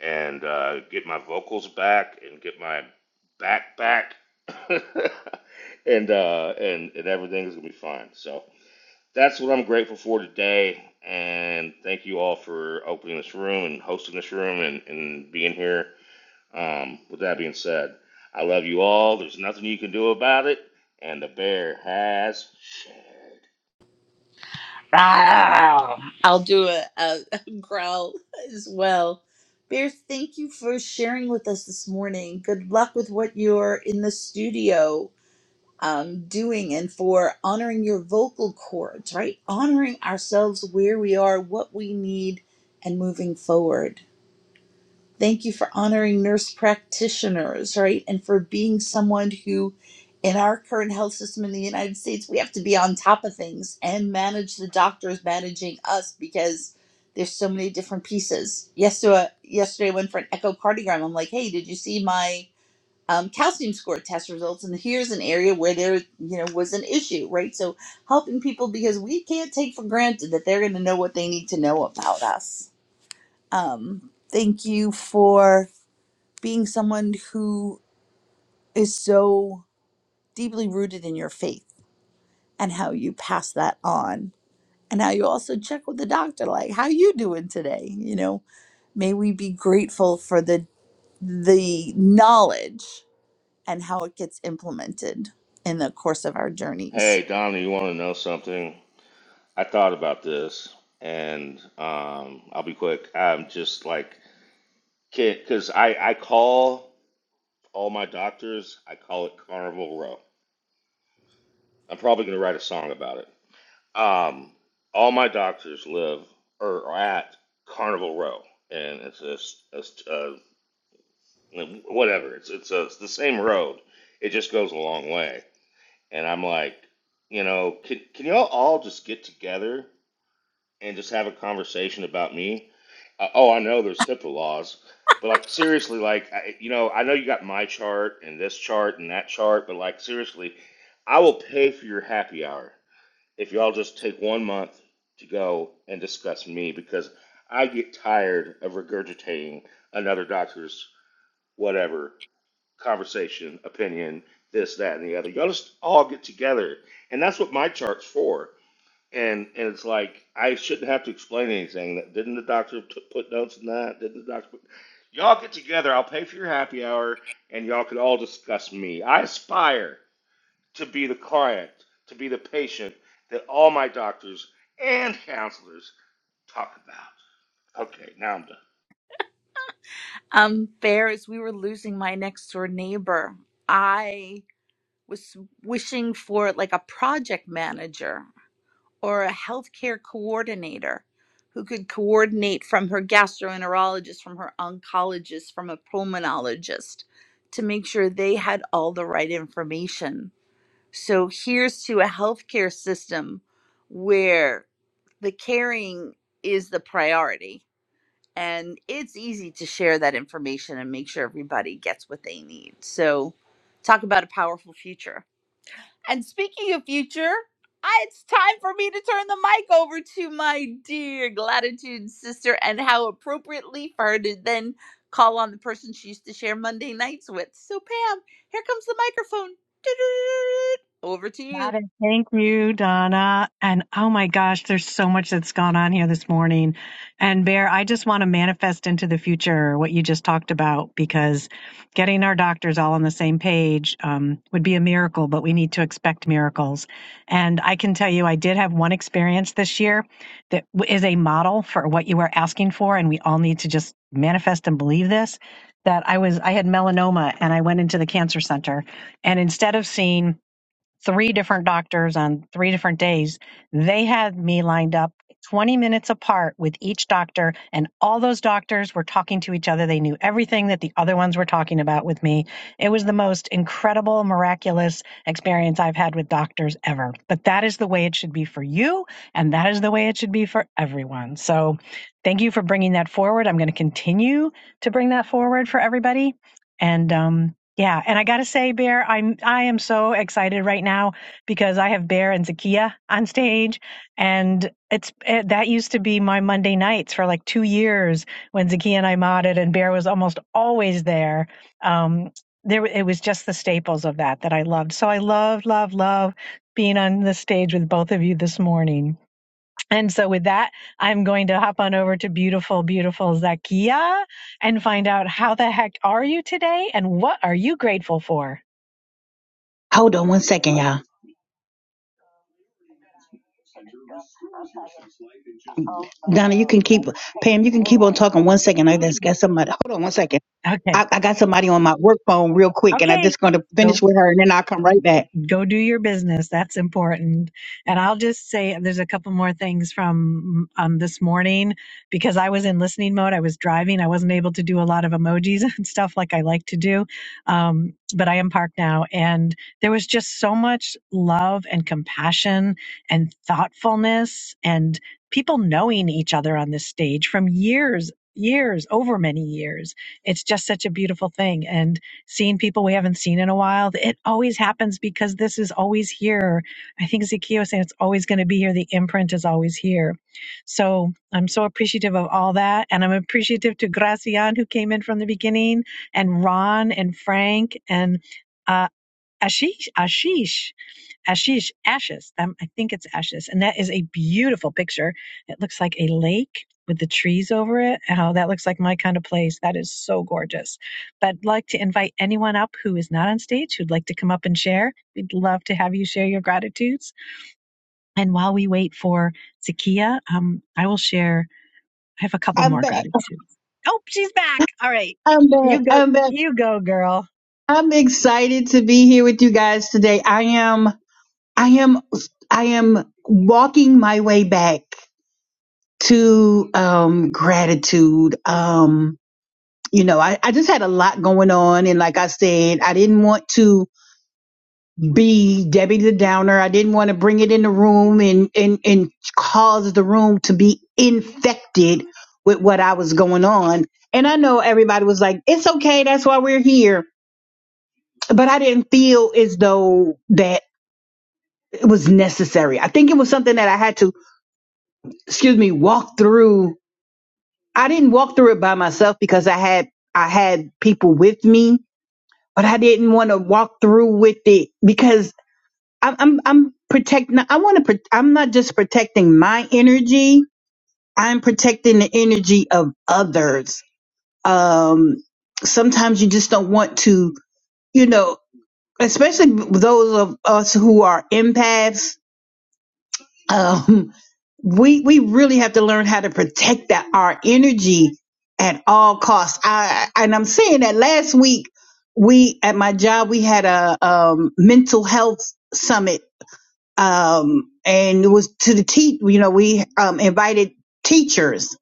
Speaker 4: and uh, get my vocals back and get my back back, and uh, and and everything's gonna be fine. So that's what I'm grateful for today. And thank you all for opening this room and hosting this room and, and being here. Um, with that being said, I love you all. There's nothing you can do about it. And the bear has shared.
Speaker 2: I'll do a, a, a growl as well. Bear, thank you for sharing with us this morning. Good luck with what you're in the studio um, doing and for honoring your vocal cords, right? Honoring ourselves where we are, what we need, and moving forward. Thank you for honoring nurse practitioners, right? And for being someone who, in our current health system in the United States, we have to be on top of things and manage the doctors managing us because there's so many different pieces. Yesterday, yesterday I went for an echocardiogram. I'm like, hey, did you see my um, calcium score test results and here's an area where there you know was an issue right so helping people because we can't take for granted that they're going to know what they need to know about us um, thank you for being someone who is so deeply rooted in your faith and how you pass that on and how you also check with the doctor like how you doing today you know may we be grateful for the the knowledge and how it gets implemented in the course of our journeys.
Speaker 4: Hey, Donna, you want to know something? I thought about this and um, I'll be quick. I'm just like, because I, I call all my doctors, I call it Carnival Row. I'm probably going to write a song about it. Um, all my doctors live or are at Carnival Row, and it's a, s- a s- a whatever. It's it's, a, it's the same road. It just goes a long way. And I'm like, you know, can can y'all all just get together and just have a conversation about me? Uh, oh, I know there's HIPAA laws, but like seriously, like I, you know, I know you got my chart and this chart and that chart, but like seriously, I will pay for your happy hour if y'all just take one month to go and discuss me because I get tired of regurgitating another doctor's whatever conversation, opinion, this, that, and the other. Y'all just all get together, and that's what my chart's for. And and it's like I shouldn't have to explain anything. That didn't the doctor t- put notes in that? Didn't the doctor? Put... Y'all get together. I'll pay for your happy hour, and y'all could all discuss me. I aspire to be the client, to be the patient that all my doctors and counselors talk about. Okay, now I'm done.
Speaker 2: Um, Bear, as we were losing my next door neighbor, I was wishing for like a project manager or a healthcare coordinator who could coordinate from her gastroenterologist, from her oncologist, from a pulmonologist to make sure they had all the right information. So here's to a healthcare system where the caring is the priority and it's easy to share that information and make sure everybody gets what they need. So, talk about a powerful future. And speaking of future, I- it's time for me to turn the mic over to my dear gratitude sister, and how appropriately for her to then call on the person she used to share Monday nights with. So, Pam, here comes the microphone. Over to you.
Speaker 1: Got Thank you, Donna. And oh my gosh, there's so much that's gone on here this morning. And Bear, I just want to manifest into the future what you just talked about because getting our doctors all on the same page um, would be a miracle, but we need to expect miracles. And I can tell you, I did have one experience this year that w- is a model for what you are asking for. And we all need to just manifest and believe this. That I was, I had melanoma and I went into the cancer center. And instead of seeing three different doctors on three different days. They had me lined up 20 minutes apart with each doctor, and all those doctors were talking to each other. They knew everything that the other ones were talking about with me. It was the most incredible, miraculous experience I've had with doctors ever. But that is the way it should be for you, and that is the way it should be for everyone. So thank you for bringing that forward. I'm going to continue to bring that forward for everybody. And, um, yeah, and I gotta say, Bear, I'm I am so excited right now because I have Bear and Zakia on stage, and it's it, that used to be my Monday nights for like two years when Zakia and I modded, and Bear was almost always there. Um, there it was just the staples of that that I loved. So I love, love, love being on the stage with both of you this morning. And so with that, I'm going to hop on over to beautiful, beautiful Zakia and find out how the heck are you today and what are you grateful for?
Speaker 5: Hold on one second, y'all. Donna, you can keep Pam. You can keep on talking. One second, I
Speaker 1: Okay.
Speaker 5: just got somebody. Hold on one second.
Speaker 1: Okay.
Speaker 5: I, I got somebody on my work phone real quick, and I'm
Speaker 1: Okay.
Speaker 5: just going to
Speaker 1: Go.
Speaker 5: finish with her, and then I'll come right back.
Speaker 1: go do your business. That's important. And I'll just say there's a couple more things from um, this morning because I was in listening mode. I was driving. I wasn't able to do a lot of emojis and stuff like I like to do. Um, but I am parked now. And there was just so much love and compassion and thoughtfulness and people knowing each other on this stage from years. Years over many years. It's just such a beautiful thing. And seeing people we haven't seen in a while. It always happens because this is always here. I think Zacchaeus said it's always going to be here. The imprint is always here. So I'm so appreciative of all that. And I'm appreciative to Gracian, who came in from the beginning, and Ron and Frank and uh, Ashish. Ashish. Ashish, Ashes. Um, I think it's Ashes. And that is a beautiful picture. It looks like a lake with the trees over it. Oh, that looks like my kind of place. That is so gorgeous. But I'd like to invite anyone up who is not on stage who'd like to come up and share. We'd love to have you share your gratitudes. And while we wait for Zakia, um, I will share. I have a couple
Speaker 5: I'm
Speaker 1: more
Speaker 5: back.
Speaker 1: gratitudes. Oh, she's back. All right.
Speaker 5: I'm back.
Speaker 1: You go.
Speaker 5: I'm back.
Speaker 1: You go, girl.
Speaker 5: I'm excited to be here with you guys today. I am. I am. I am walking my way back to um, gratitude. Um, you know, I, I just had a lot going on, and like I said, I didn't want to. be Debbie the Downer. I didn't want to bring it in the room and, and, and cause the room to be infected with what I was going on. And I know everybody was like, it's okay. That's why we're here. But I didn't feel as though that it was necessary. I think it was something that I had to, excuse me, walk through. I didn't walk through it by myself because I had, I had people with me, but I didn't want to walk through with it because I'm I'm I'm protecting. I want to. Pro- I'm not just protecting my energy. I'm protecting the energy of others. Um, sometimes you just don't want to, you know, especially those of us who are empaths. Um, we we really have to learn how to protect that our energy at all costs. I and I'm saying that last week we at my job we had a um, mental health summit um, and it was to the teach. You know, we um, invited teachers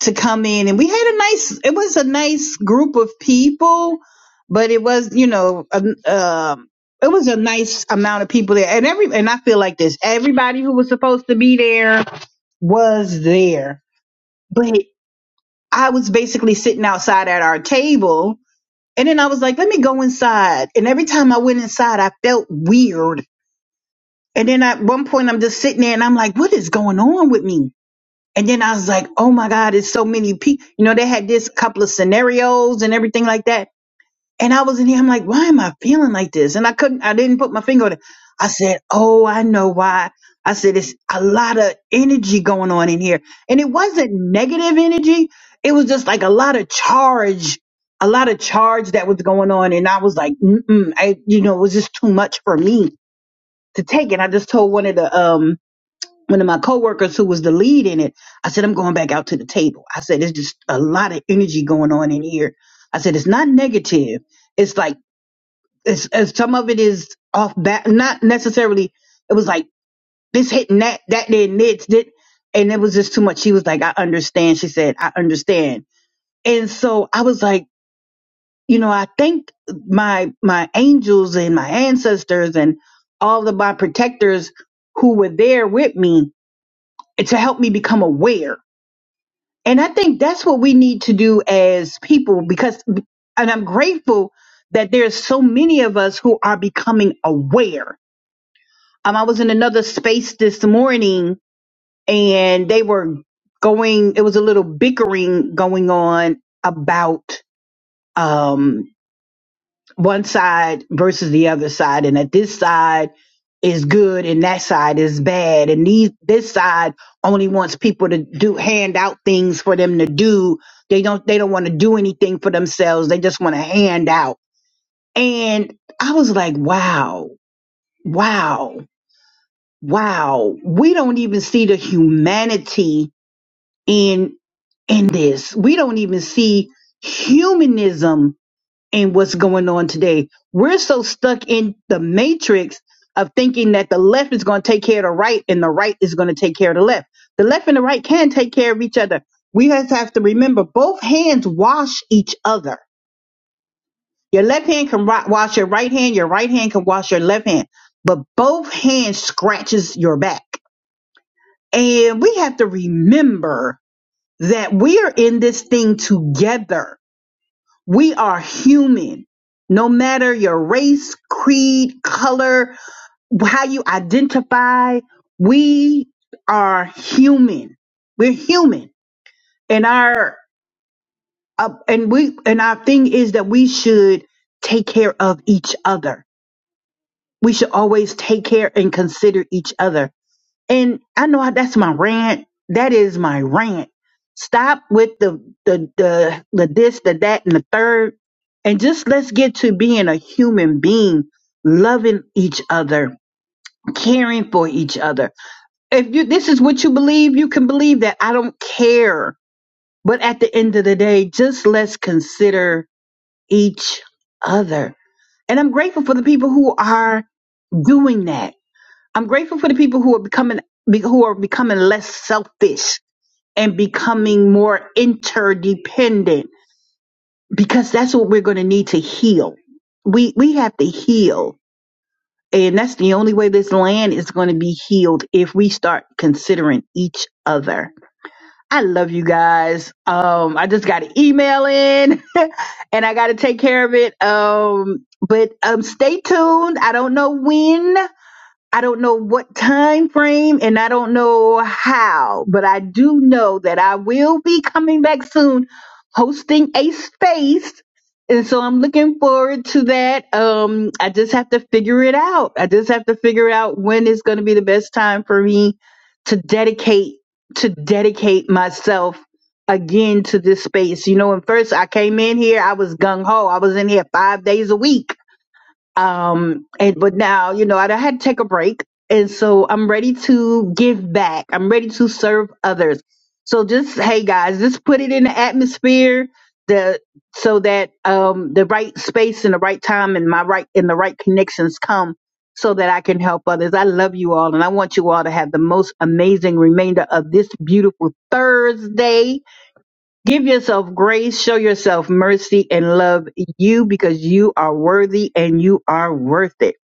Speaker 5: to come in, and we had a nice. It was a nice group of people, but it was you know, um, um, it was a nice amount of people there, and every and I feel like this. Everybody who was supposed to be there was there, but I was basically sitting outside at our table. And then I was like, let me go inside. And every time I went inside, I felt weird and then at one point, I'm just sitting there and I'm like, what is going on with me? And then I was like, oh my God, it's so many people. You know, they had this couple of scenarios and everything like that. And I was in here, I'm like, why am I feeling like this? And I couldn't, I didn't put my finger on it. I said, oh, I know why. I said, it's a lot of energy going on in here. And it wasn't negative energy. It was just like a lot of charge, a lot of charge that was going on. And I was like, mm-mm, I, you know, it was just too much for me to take. And I just told one of the, um, one of my coworkers who was the lead in it, I said, I'm going back out to the table. I said, it's just a lot of energy going on in here. I said, it's not negative. It's like, it's, it's some of it is off back, not necessarily. It was like this hitting that, that then this, did, and it was just too much. She was like, I understand. She said, I understand. And so I was like, you know, I thank my, my angels and my ancestors and all of my protectors who were there with me to help me become aware And I think that's what we need to do as people because, and I'm grateful that there's so many of us who are becoming aware. Um, I was in another space this morning and they were going, it was a little bickering going on about, um one side versus the other side and that this side is good and that side is bad and these this side only wants people to do hand out things for them to do they don't they don't want to do anything for themselves they just want to hand out and i was like wow wow wow we don't even see the humanity in in this we don't even see humanism and what's going on today. We're so stuck in the matrix of thinking that the left is going to take care of the right and the right is going to take care of the left. The left and the right can take care of each other. We just have to remember both hands wash each other. Your left hand can ri- wash your right hand, your right hand can wash your left hand, but both hands scratches your back. And we have to remember that we are in this thing together We are human. No matter your race, creed, color, how you identify, we are human. We're human. And our uh, and we and our thing is that we should take care of each other. We should always take care and consider each other And I know I- that's my rant. That is my rant. Stop with the the the the this, the that, and the third, and just let's get to being a human being, loving each other, caring for each other. If you this is what you believe, you can believe that. I don't care. But at the end of the day, just let's consider each other. And I'm grateful for the people who are doing that. I'm grateful for the people who are becoming be- who are becoming less selfish and becoming more interdependent because that's what we're going to need to heal. We we have to heal. And that's the only way this land is going to be healed if we start considering each other. I love you guys. Um, I just got an email in and I got to take care of it. Um, but um, stay tuned. I don't know when, I don't know what time frame and I don't know how, but I do know that I will be coming back soon hosting a space. And so I'm looking forward to that. Um, I just have to figure it out. I just have to figure out when is going to be the best time for me to dedicate to dedicate myself again to this space. You know, when first I came in here, I was gung ho. I was in here five days a week um, and but now, you know, I, I had to take a break, and so I'm ready to give back. I'm ready to serve others. So just hey guys, just put it in the atmosphere the so that um the right space and the right time and my right and the right connections come so that I can help others. I love you all and I want you all to have the most amazing remainder of this beautiful Thursday. Give yourself grace, show yourself mercy, and love you because you are worthy and you are worth it.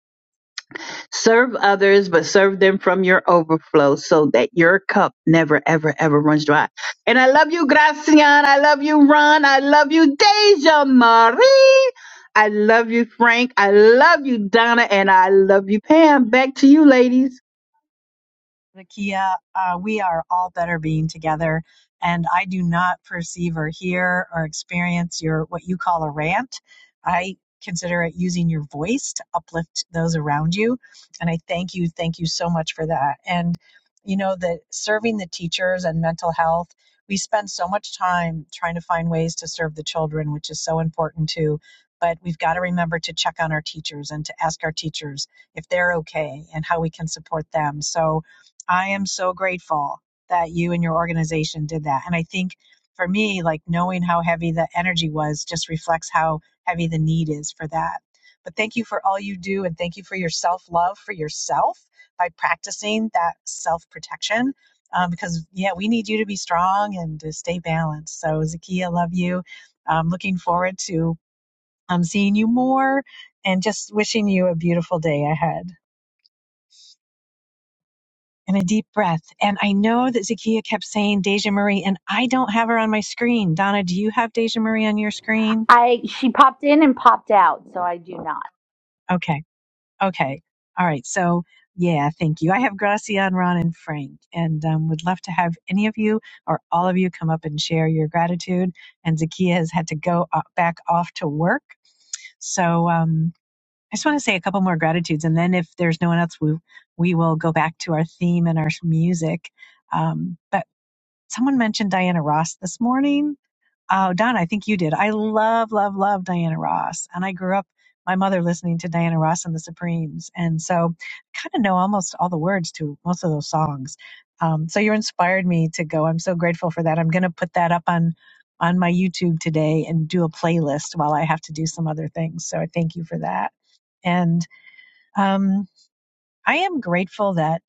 Speaker 5: Serve others, but serve them from your overflow so that your cup never, ever, ever runs dry. And I love you, Gracian. I love you, Ron. I love you, Deja Marie. I love you, Frank. I love you, Donna. And I love you, Pam. Back to you, ladies.
Speaker 1: Zakia, uh, we are all better being together. And I do not perceive or hear or experience your what you call a rant. I consider it using your voice to uplift those around you. And I thank you, thank you so much for that. And you know that serving the teachers and mental health, we spend so much time trying to find ways to serve the children, which is so important too. But we've got to remember to check on our teachers and to ask our teachers if they're okay and how we can support them. So I am so grateful that you and your organization did that. And I think for me, like knowing how heavy the energy was just reflects how heavy the need is for that. But thank you for all you do and thank you for your self love for yourself by practicing that self protection. Um, because, yeah, we need you to be strong and to stay balanced. So, Zakia, love you. I'm looking forward to um, seeing you more and just wishing you a beautiful day ahead. and a deep breath. And I know that Zakia kept saying Deja Marie, and I don't have her on my screen. Donna, do you have Deja Marie on your screen?
Speaker 2: I she popped in and popped out, so I do not.
Speaker 1: Okay. Okay. All right. So, yeah, thank you. I have Gracian, Ron, and Frank, and um, would love to have any of you or all of you come up and share your gratitude. And Zakia has had to go o- back off to work. So, um, I just want to say a couple more gratitudes, and then if there's no one else, we, we will go back to our theme and our music. Um, but Someone mentioned Diana Ross this morning. Oh, Don, I think you did. I love, love, love Diana Ross. And I grew up, my mother listening to Diana Ross and the Supremes. And so I kind of know almost all the words to most of those songs. Um, so you inspired me to go. I'm so grateful for that. I'm going to put that up on on my YouTube today and do a playlist while I have to do some other things. So I thank you for that. And um, I am grateful that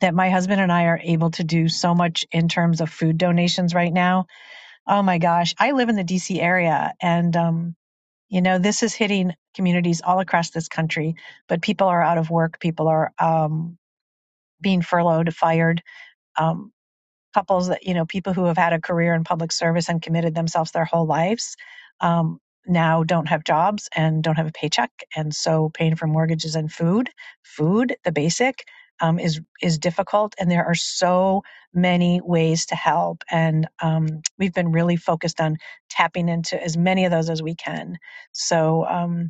Speaker 1: that my husband and I are able to do so much in terms of food donations right now Oh my gosh. I live in the DC area and, um, you know, this is hitting communities all across this country, but people are out of work. People are um, being furloughed, fired. Um, couples that you know people who have had a career in public service and committed themselves their whole lives um, now don't have jobs and don't have a paycheck and so paying for mortgages and food food the basic um, is is difficult and there are so many ways to help and um, we've been really focused on tapping into as many of those as we can so um,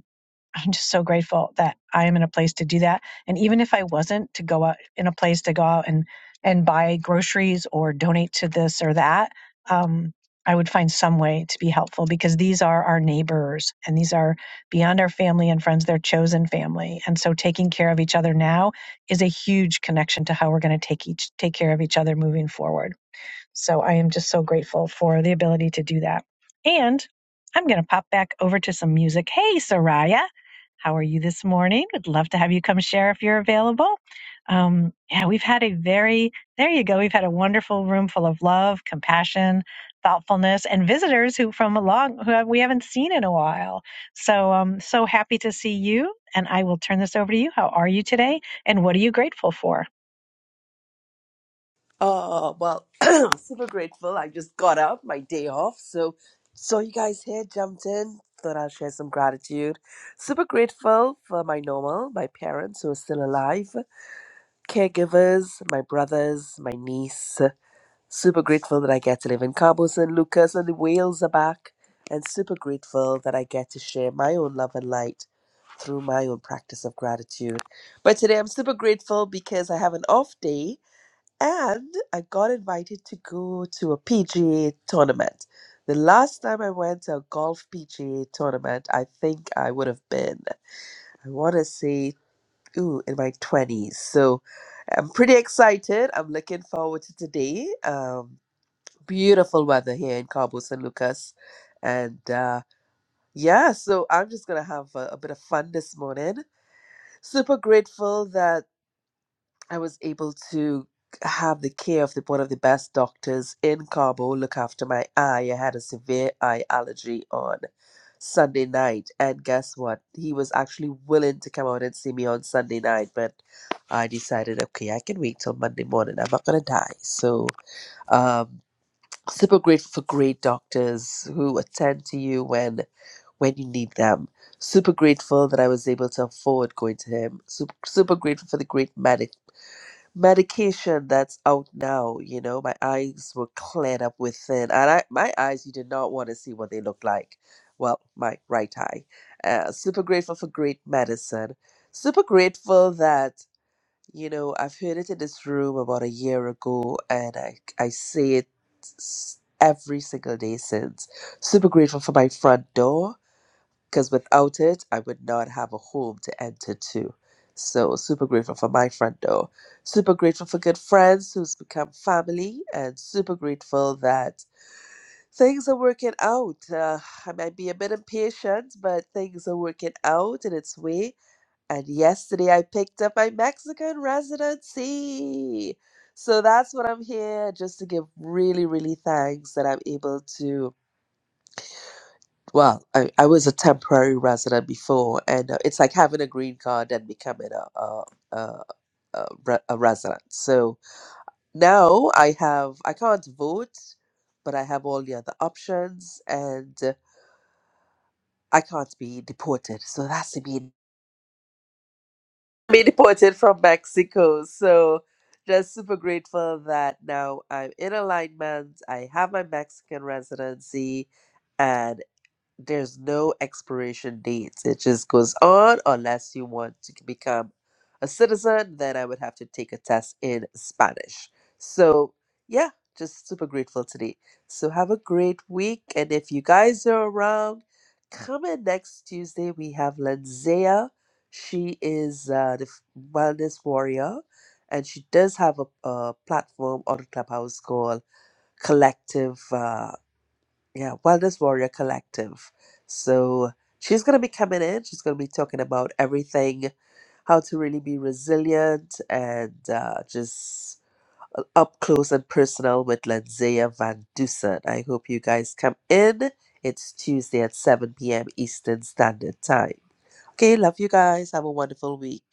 Speaker 1: I'm just so grateful that I am in a place to do that. And even if I wasn't to go out in a place to go out and and buy groceries or donate to this or that, um, I would find some way to be helpful because these are our neighbors and these are beyond our family and friends, their chosen family. And so taking care of each other now is a huge connection to how we're going to take each take care of each other moving forward. So I am just so grateful for the ability to do that. And I'm going to pop back over to some music. Hey, Soraya, how are you this morning? Would love to have you come share if you're available. Um, yeah, we've had a very, there you go, we've had a wonderful room full of love, compassion, thoughtfulness, and visitors who from a long, who we haven't seen in a while. So um, so happy to see you. And I will turn this over to you. How are you today? And what are you grateful for?
Speaker 9: Oh, well, super grateful. I just got up, my day off. So, saw you guys here, jumped in, thought I'll share some gratitude. Super grateful for my normal, my parents who are still alive, caregivers, my brothers, my niece. Super grateful that I get to live in Cabo San Lucas and the whales are back. And super grateful that I get to share my own love and light through my own practice of gratitude. But today I'm super grateful because I have an off day and I got invited to go to a PGA tournament. The last time I went to a golf PGA tournament, I think I would have been, I want to say, ooh, in my 20s. So I'm pretty excited. I'm looking forward to today. Um, beautiful weather here in Cabo San Lucas. And uh, yeah, so I'm just going to have a, a bit of fun this morning. Super grateful that. I was able to have the care of the, one of the best doctors in Cabo look after my eye. I had a severe eye allergy on Sunday night. And guess what? He was actually willing to come out and see me on Sunday night, but I decided, okay, I can wait till Monday morning. I'm not going to die. So, um, super grateful for great doctors who attend to you when when you need them. Super grateful that I was able to afford going to him. Super, super grateful for the great medic medication that's out now. You know, my eyes were cleared up within, and I, my eyes you did not want to see what they looked like. Well, my right eye. Uh, super grateful for great medicine. Super grateful that you know I've heard it in this room about a year ago, and I I say it s- every single day since. Super grateful for my front door because without it, I would not have a home to enter to. So, super grateful for my front door. Super grateful for good friends who's become family, and super grateful that things are working out. Uh, I might be a bit impatient, but things are working out in its way. And yesterday, I picked up my Mexican residency. So, that's what I'm here just to give really, really thanks that I'm able to well, I, I was a temporary resident before, and uh, it's like having a green card and becoming a a, a, a, re- a resident. So now I have I can't vote, but I have all the other options, and uh, I can't be deported. So that's to be be deported from Mexico. So just super grateful that now I'm in alignment. I have my Mexican residency, there's no expiration date. It just goes on unless you want to become a citizen, then I would have to take a test in Spanish. So, yeah, just super grateful today. So, have a great week. And if you guys are around, come in next Tuesday. We have Lenzea. She is uh, the f- wellness warrior, and she does have a, a platform on Clubhouse called Collective. Uh, yeah, Wellness Warrior Collective. So she's going to be coming in. She's going to be talking about everything, how to really be resilient and uh, just uh, up close and personal with Lanzea Van Dusen. I hope you guys come in. It's Tuesday at 7 p.m. Eastern Standard Time. Okay, love you guys. Have a wonderful week.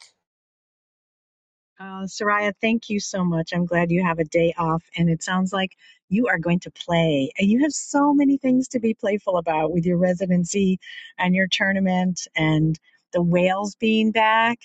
Speaker 1: Uh, Soraya, thank you so much. I'm glad you have a day off, and it sounds like you are going to play. And you have so many things to be playful about with your residency and your tournament and the whales being back.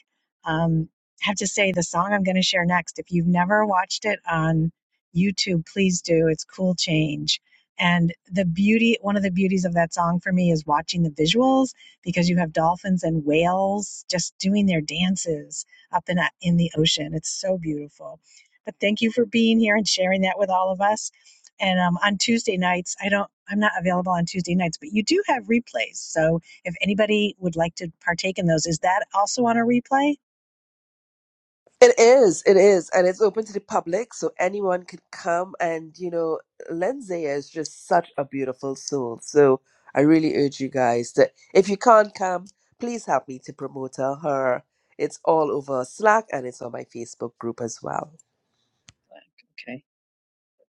Speaker 1: Um, I have to say, the song I'm going to share next, if you've never watched it on YouTube, please do. It's Cool Change. And the beauty, one of the beauties of that song for me is watching the visuals because you have dolphins and whales just doing their dances up in, a- in the ocean. It's so beautiful. But thank you for being here and sharing that with all of us. And um, on Tuesday nights, I don't, I'm not available on Tuesday nights, but you do have replays. So if anybody would like to partake in those, is that also on a replay?
Speaker 9: It is, it is, and it's open to the public, so anyone can come. And you know, Lindsay is just such a beautiful soul. So I really urge you guys that if you can't come, please help me to promote her. Her, it's all over Slack and it's on my Facebook group as well.
Speaker 1: Okay.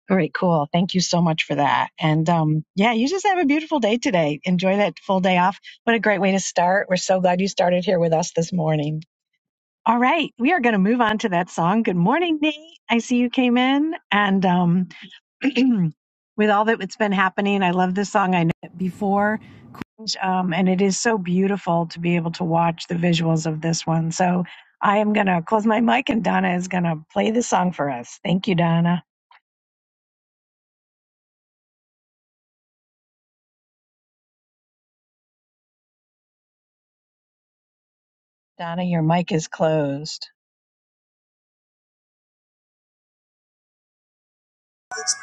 Speaker 1: All right, cool. Thank you so much for that. And um, yeah, you just have a beautiful day today. Enjoy that full day off. What a great way to start. We're so glad you started here with us this morning. All right, we are going to move on to that song. Good morning, Nate. I see you came in. And um, with all that's been happening. I love this song. I know it before, um, and it is so beautiful to be able to watch the visuals of this one. So I am going to close my mic, and Donna is going to play the song for us. Thank you, Donna. Donna, your mic is closed.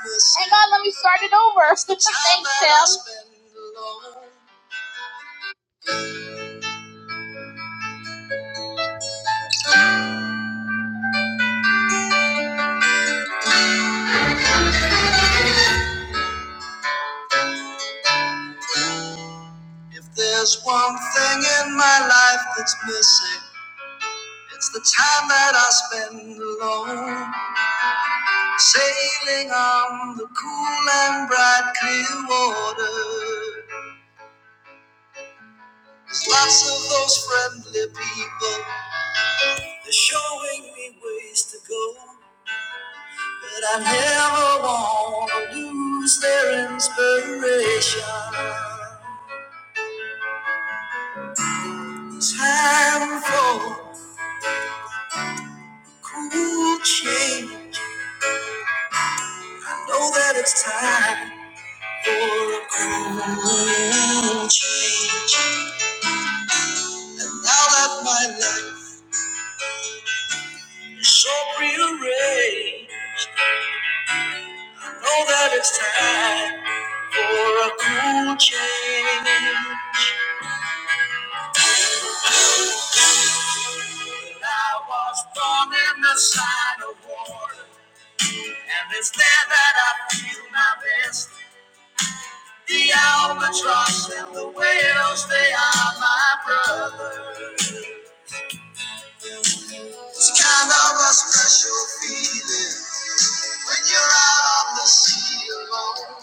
Speaker 2: Hang on, let me start it over. Thanks, Tim. If There's one thing in my life that's missing. It's the time that I spend alone, sailing on the cool and bright clear water. There's lots of those friendly people. They're showing me ways to go. But I never want to lose their inspiration. Time for a cool change. I Know that it's time for a cool change. And now that my life is so prearranged, I know that it's time for a cool change. I was born in the sign of war. And it's there that I feel my best. The albatross and the whales, they are my brothers. It's kind of a special feeling when you're out on the sea alone,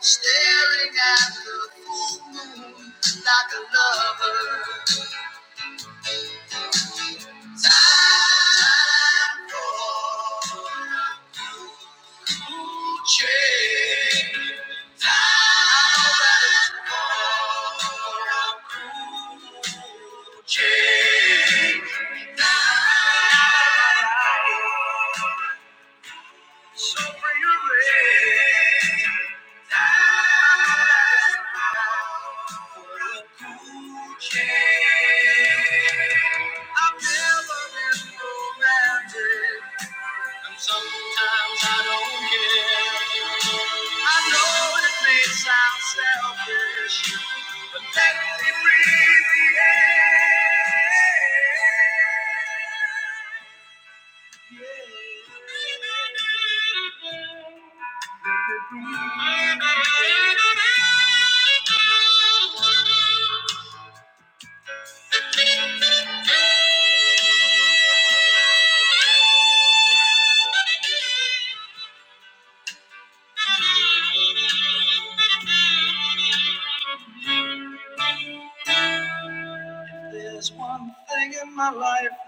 Speaker 2: staring at the full moon like a lover. Change. So bring your rain a cool change. I've never been romantic, and sometimes I don't care. I know it may sound selfish, but let me breathe the air. Life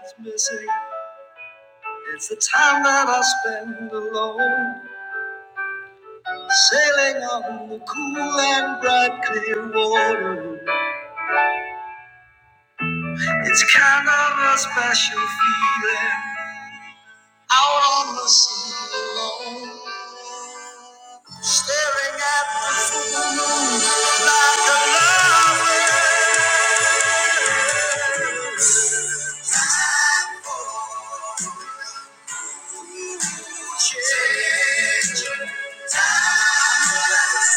Speaker 2: is missing. I spend alone. Sailing on the cool and bright clear water. It's kind of a special feeling. Out on the sea alone. Staring at the full moon like a lover. Changing timeless.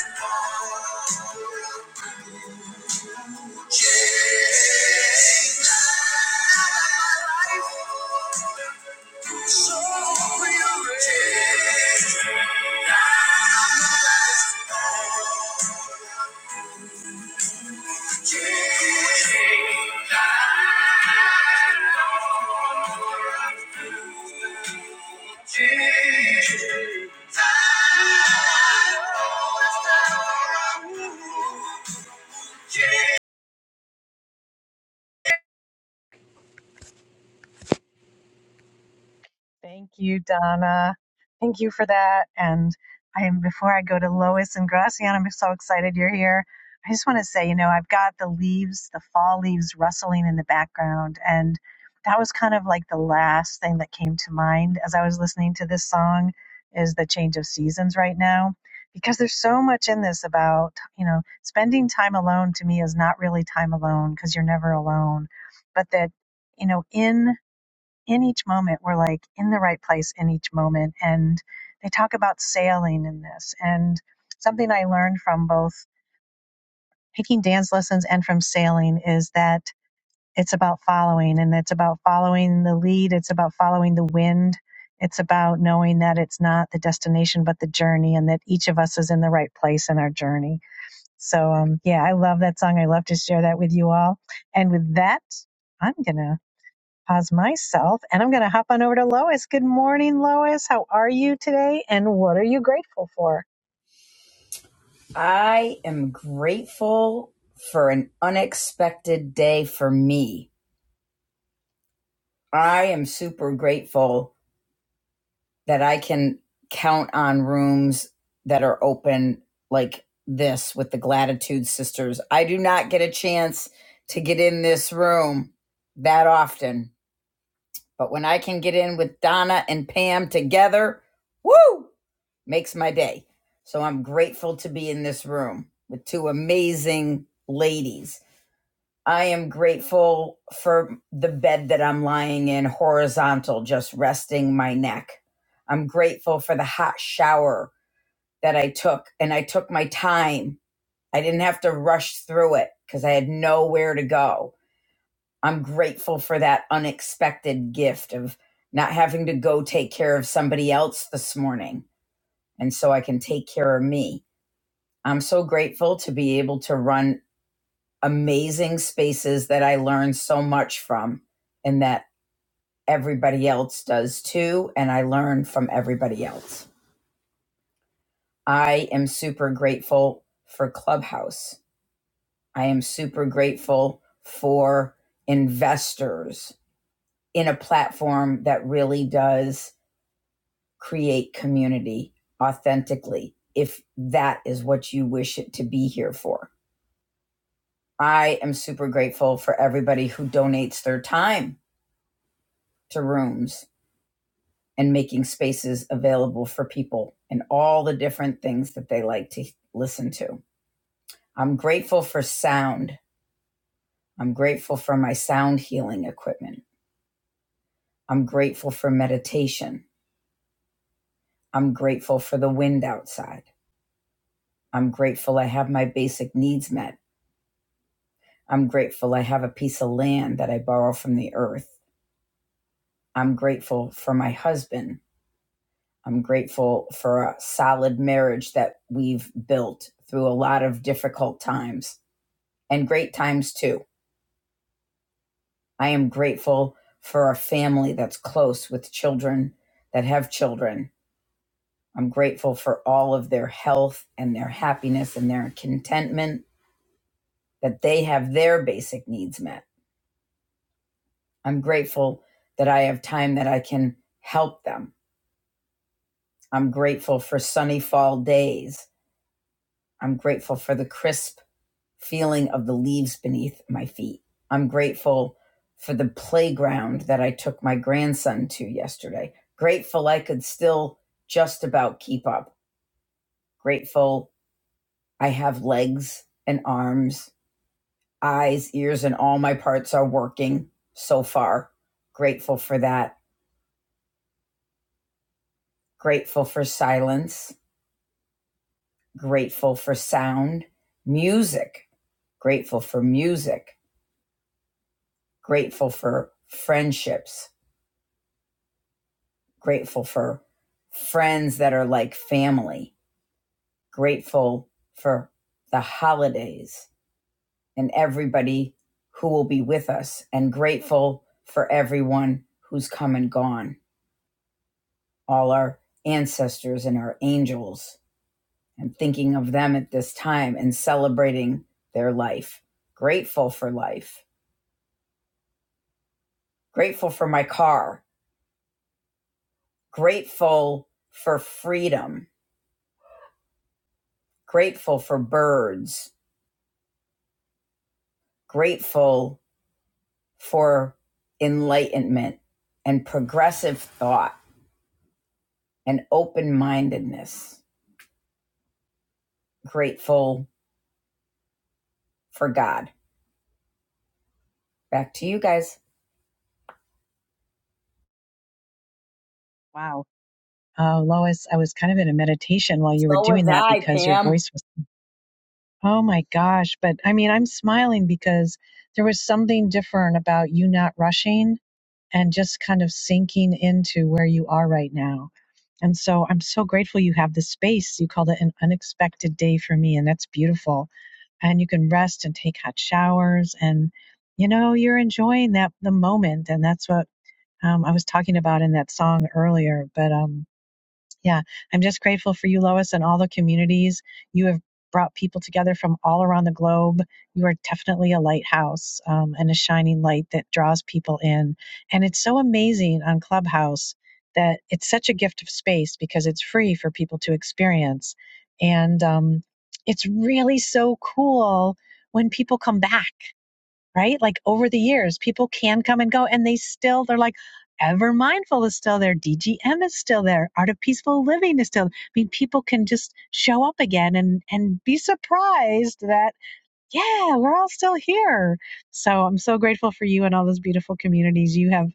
Speaker 2: Yeah.
Speaker 1: Thank you, Donna. Thank you for that. And I am before I go to Lois and Gracian, I'm so excited you're here. I just want to say, you know, I've got the leaves, the fall leaves rustling in the background. And that was kind of like the last thing that came to mind as I was listening to this song is the change of seasons right now. Because there's so much in this about, you know, spending time alone to me is not really time alone because you're never alone. But that, you know, in in each moment we're like in the right place in each moment and they talk about sailing in this and something i learned from both taking dance lessons and from sailing is that it's about following and it's about following the lead it's about following the wind it's about knowing that it's not the destination but the journey and that each of us is in the right place in our journey so um, yeah i love that song i love to share that with you all and with that i'm gonna Pause myself, and I'm going to hop on over to Lois. Good morning, Lois. How are you today? And what are you grateful for?
Speaker 10: I am grateful for an unexpected day for me. I am super grateful that I can count on rooms that are open like this with the Gratitude Sisters. I do not get a chance to get in this room that often, but when I can get in with Donna and Pam together, woo, makes my day. So I'm grateful to be in this room with two amazing ladies I am grateful for the bed that I'm lying in, horizontal, just resting my neck. I'm grateful for the hot shower that I took, and I took my time. I didn't have to rush through it because I had nowhere to go. I'm grateful for that unexpected gift of not having to go take care of somebody else this morning. And so I can take care of me. I'm so grateful to be able to run amazing spaces that I learn so much from and that everybody else does too. And I learn from everybody else. I am super grateful for Clubhouse. I am super grateful for investors in a platform that really does create community authentically, if that is what you wish it to be here for. I am super grateful for everybody who donates their time to rooms and making spaces available for people and all the different things that they like to listen to. I'm grateful for sound. I'm grateful for my sound healing equipment. I'm grateful for meditation. I'm grateful for the wind outside. I'm grateful I have my basic needs met. I'm grateful I have a piece of land that I borrow from the earth. I'm grateful for my husband. I'm grateful for a solid marriage that we've built through a lot of difficult times and great times too. I am grateful for a family that's close with children that have children. I'm grateful for all of their health and their happiness and their contentment that they have their basic needs met. I'm grateful that I have time that I can help them. I'm grateful for sunny fall days. I'm grateful for the crisp feeling of the leaves beneath my feet. I'm grateful for the playground that I took my grandson to yesterday. Grateful I could still just about keep up. Grateful I have legs and arms, eyes, ears, and all my parts are working so far. Grateful for that. Grateful for silence. Grateful for sound. Music. Grateful for music. Grateful for friendships grateful for friends that are like family, grateful for the holidays and everybody who will be with us, and grateful for everyone who's come and gone, all our ancestors and our angels, and thinking of them at this time and celebrating their life. Grateful for life, grateful for my car, grateful for freedom, grateful for birds, grateful for enlightenment and progressive thought and open mindedness. Grateful for God. Back to you guys.
Speaker 1: Wow. Oh, Lois, I was kind of in a meditation while you were
Speaker 10: So was
Speaker 1: doing that
Speaker 10: I,
Speaker 1: because your
Speaker 10: Pam.
Speaker 1: voice was, oh my gosh. But I mean, I'm smiling because there was something different about you not rushing and just kind of sinking into where you are right now. And so I'm so grateful you have the space. You called it an unexpected day for me, and that's beautiful and you can rest and take hot showers and you know you're enjoying that the moment and that's what um, i was talking about in that song earlier but um, yeah, I'm just grateful for you, Lois, and all the communities. You have brought people together from all around the globe. You are definitely a lighthouse um, and a shining light that draws people in. And it's so amazing on Clubhouse that it's such a gift of space because it's free for people to experience. And um, it's really so cool when people come back right? Like over the years, people can come and go and they still, they're like, Ever Mindful is still there. DGM is still there. Art of Peaceful Living is still. there. I mean, people can just show up again and, and be surprised that yeah, we're all still here. So I'm so grateful for you and all those beautiful communities you have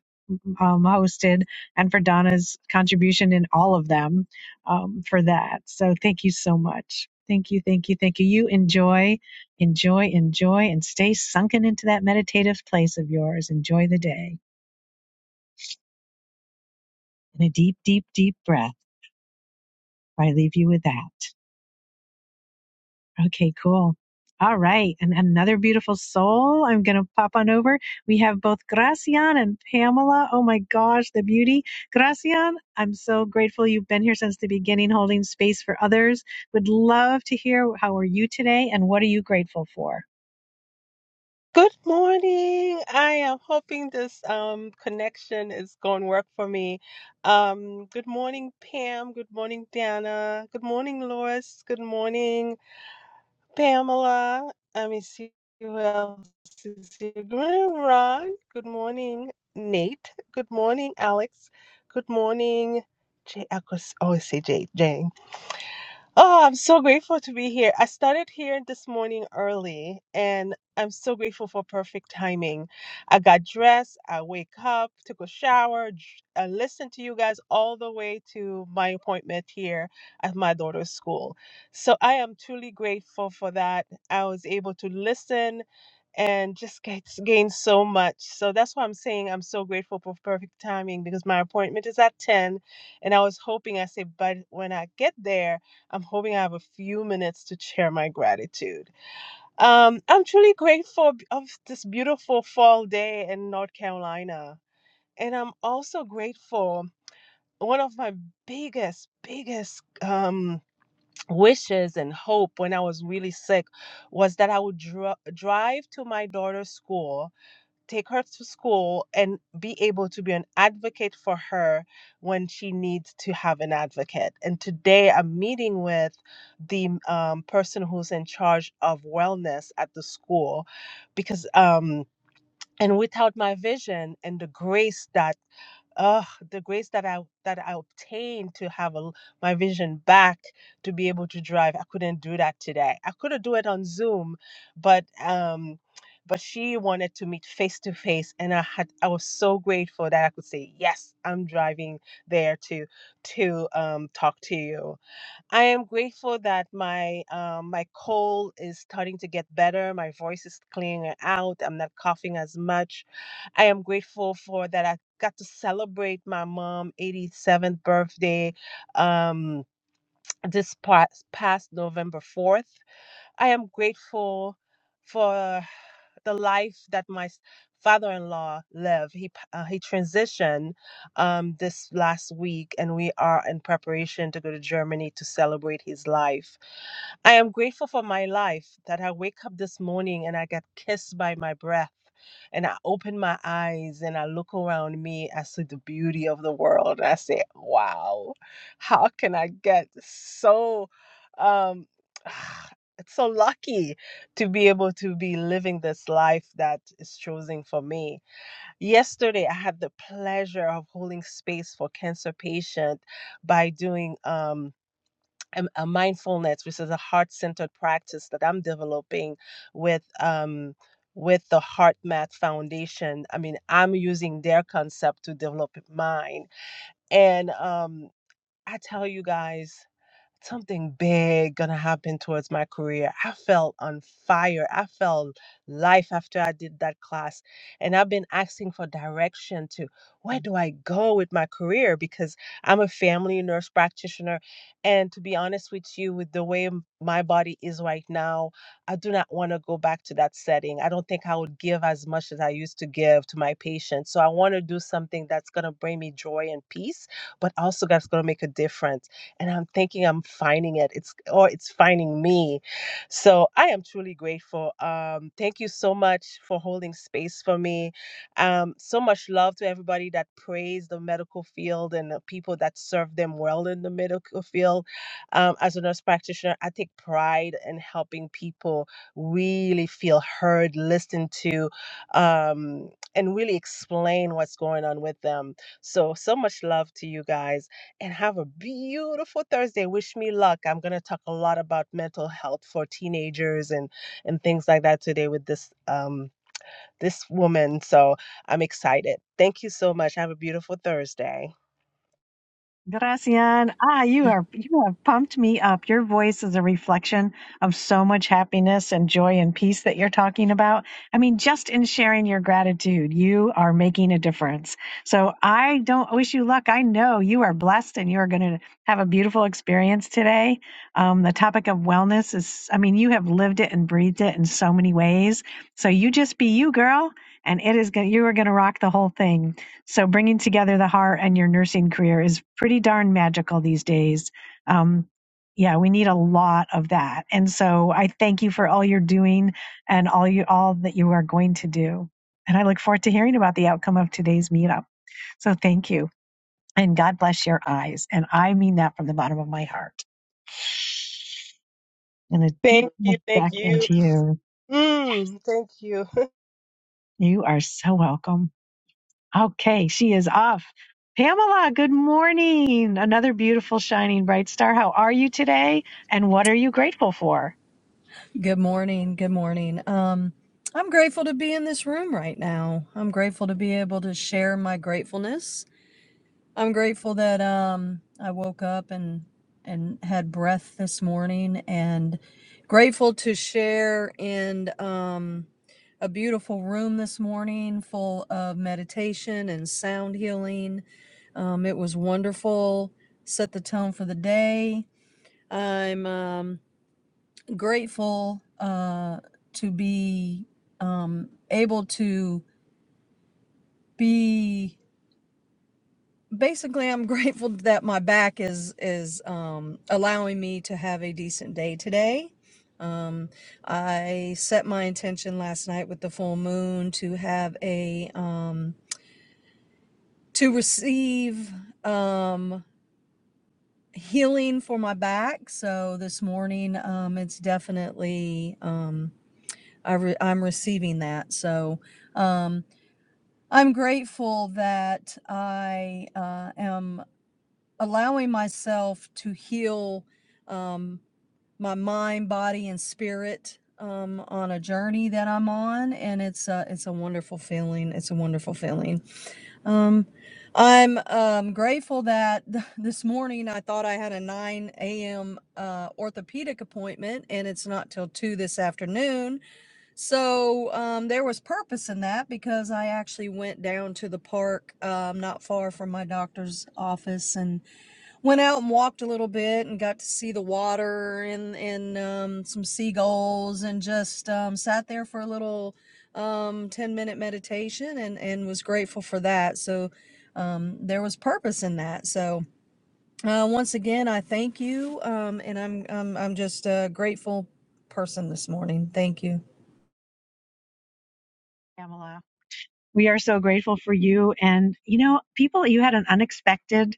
Speaker 1: um, hosted and for Donna's contribution in all of them um, for that. So thank you so much. Thank you, thank you, thank you. You enjoy, enjoy, enjoy, and stay sunken into that meditative place of yours. Enjoy the day. in a deep, deep, deep breath. I leave you with that. Okay, cool. All right. And another beautiful soul. I'm going to pop on over. We have both Gracian and Pamela. Oh my gosh, the beauty. Gracian, I'm so grateful you've been here since the beginning, holding space for others. Would love to hear how are you today and what are you grateful for?
Speaker 11: Good morning. I am hoping this um, connection is going to work for me. Um, good morning, Pam. Good morning, Dana. Good morning, Lois. Good morning, Pamela. Let me see who else is here. Good morning, Ron. Good morning, Nate. Good morning, Alex. Good morning, Jay. I could always say Jay. Jane. Oh, I'm so grateful to be here. I started here this morning early, and I'm so grateful for perfect timing. I got dressed, I wake up, took a shower, dr- I listened to you guys all the way to my appointment here at my daughter's school. So I am truly grateful for that. I was able to listen and just get, gain so much. So that's why I'm saying I'm so grateful for perfect timing because my appointment is at 10, and I was hoping I said, but when I get there, I'm hoping I have a few minutes to share my gratitude. Um, I'm truly grateful b- of this beautiful fall day in North Carolina, and I'm also grateful. One of my biggest, biggest um, wishes and hope when I was really sick was that I would dri- drive to my daughter's school take her to school and be able to be an advocate for her when she needs to have an advocate. And today I'm meeting with the um, person who's in charge of wellness at the school because, um, and without my vision and the grace that uh, the grace that I that I obtained to have a, l- my vision back to be able to drive. I couldn't do that today. I could have do it on Zoom, but um, but she wanted to meet face to face, and I had I was so grateful that I could say yes, I'm driving there to to um talk to you. I am grateful that my um, my cold is starting to get better. My voice is clearing out. I'm not coughing as much. I am grateful for that. I got to celebrate my mom' 87th birthday um, this past, past November 4th. I am grateful for the life that my s- father-in-law lived. He p- uh, he transitioned um, this last week, and we are in preparation to go to Germany to celebrate his life. I am grateful for my life that I wake up this morning and I get kissed by my breath. And I open my eyes and I look around me. I see the beauty of the world. I say, wow, how can I get so, um, it's so lucky to be able to be living this life that is chosen for me. Yesterday, I had the pleasure of holding space for cancer patient by doing, um, a, a mindfulness, which is a heart centered practice that I'm developing with um with the HeartMath Foundation. I mean, I'm using their concept to develop mine, and um, I tell you guys something big gonna happen towards my career. I felt on fire. I felt life after I did that class. And I've been asking for direction to where do I go with my career? Because I'm a family nurse practitioner. And to be honest with you, with the way m- my body is right now, I do not want to go back to that setting. I don't think I would give as much as I used to give to my patients. So I want to do something that's gonna bring me joy and peace, but also that's gonna make a difference and I'm thinking I'm finding it. It's or it's finding me. So I am truly grateful. Um, thank you so much for holding space for me. Um, so much love to everybody that prays the medical field and the people that serve them well in the medical field. Um, as a nurse practitioner, I take pride in helping people really feel heard, listened to, um, and really explain what's going on with them. So so much love to you guys and have a beautiful Thursday. Wish me luck. I'm going to talk a lot about mental health for teenagers and and things like that today with this um this woman. So I'm excited. Thank you so much. Have a beautiful Thursday.
Speaker 1: Gracian, ah, you are you have pumped me up. Your voice is a reflection of so much happiness and joy and peace that you're talking about. I mean, just in sharing your gratitude, you are making a difference. So I don't wish you luck. I know you are blessed and you are going to have a beautiful experience today. Um, the topic of wellness is, I mean, you have lived it and breathed it in so many ways. So you just be you, girl, and it is going. You are going to rock the whole thing. So bringing together the heart and your nursing career is pretty darn magical these days. Um, yeah, we need a lot of that. And so I thank you for all you're doing and all you all that you are going to do. And I look forward to hearing about the outcome of today's meetup. So thank you. And God bless your eyes. And I mean that from the bottom of my heart. And a deep
Speaker 11: Thank you.
Speaker 1: look
Speaker 11: Thank
Speaker 1: back
Speaker 11: you.
Speaker 1: into you.
Speaker 11: Mm, thank you.
Speaker 1: You are so welcome. Okay, she is off. Pamela, good morning. Another beautiful, shining, bright star. How are you today? And what are you grateful for,
Speaker 12: Good morning. Good morning. Um, I'm grateful to be in this room right now. I'm grateful to be able to share my gratefulness. I'm grateful that um, I woke up and and had breath this morning, and grateful to share in um, a beautiful room this morning, full of meditation and sound healing. Um, it was wonderful. Set the tone for the day. I'm um, grateful uh, to be um, able to be basically i'm grateful that my back is is um, allowing me to have a decent day today um, i set my intention last night with the full moon to have a um, to receive um, healing for my back so this morning um, it's definitely um, I re- i'm receiving that so um, I'm grateful that I uh, am allowing myself to heal um, my mind, body, and spirit um, on a journey that I'm on, and it's a it's a wonderful feeling. It's a wonderful feeling. Um, I'm um, grateful that th- this morning I thought I had a 9 a.m. Uh, orthopedic appointment, and it's not till two this afternoon so um, there was purpose in that because I actually went down to the park um, not far from my doctor's office and went out and walked a little bit and got to see the water and and um, some seagulls and just um, sat there for a little um, ten minute meditation and and was grateful for that. So um, there was purpose in that. So uh, once again, I thank you um, and I'm I'm I'm just a grateful person this morning. Thank you.
Speaker 1: Pamela? We are so grateful for you. And, you know, people, you had an unexpected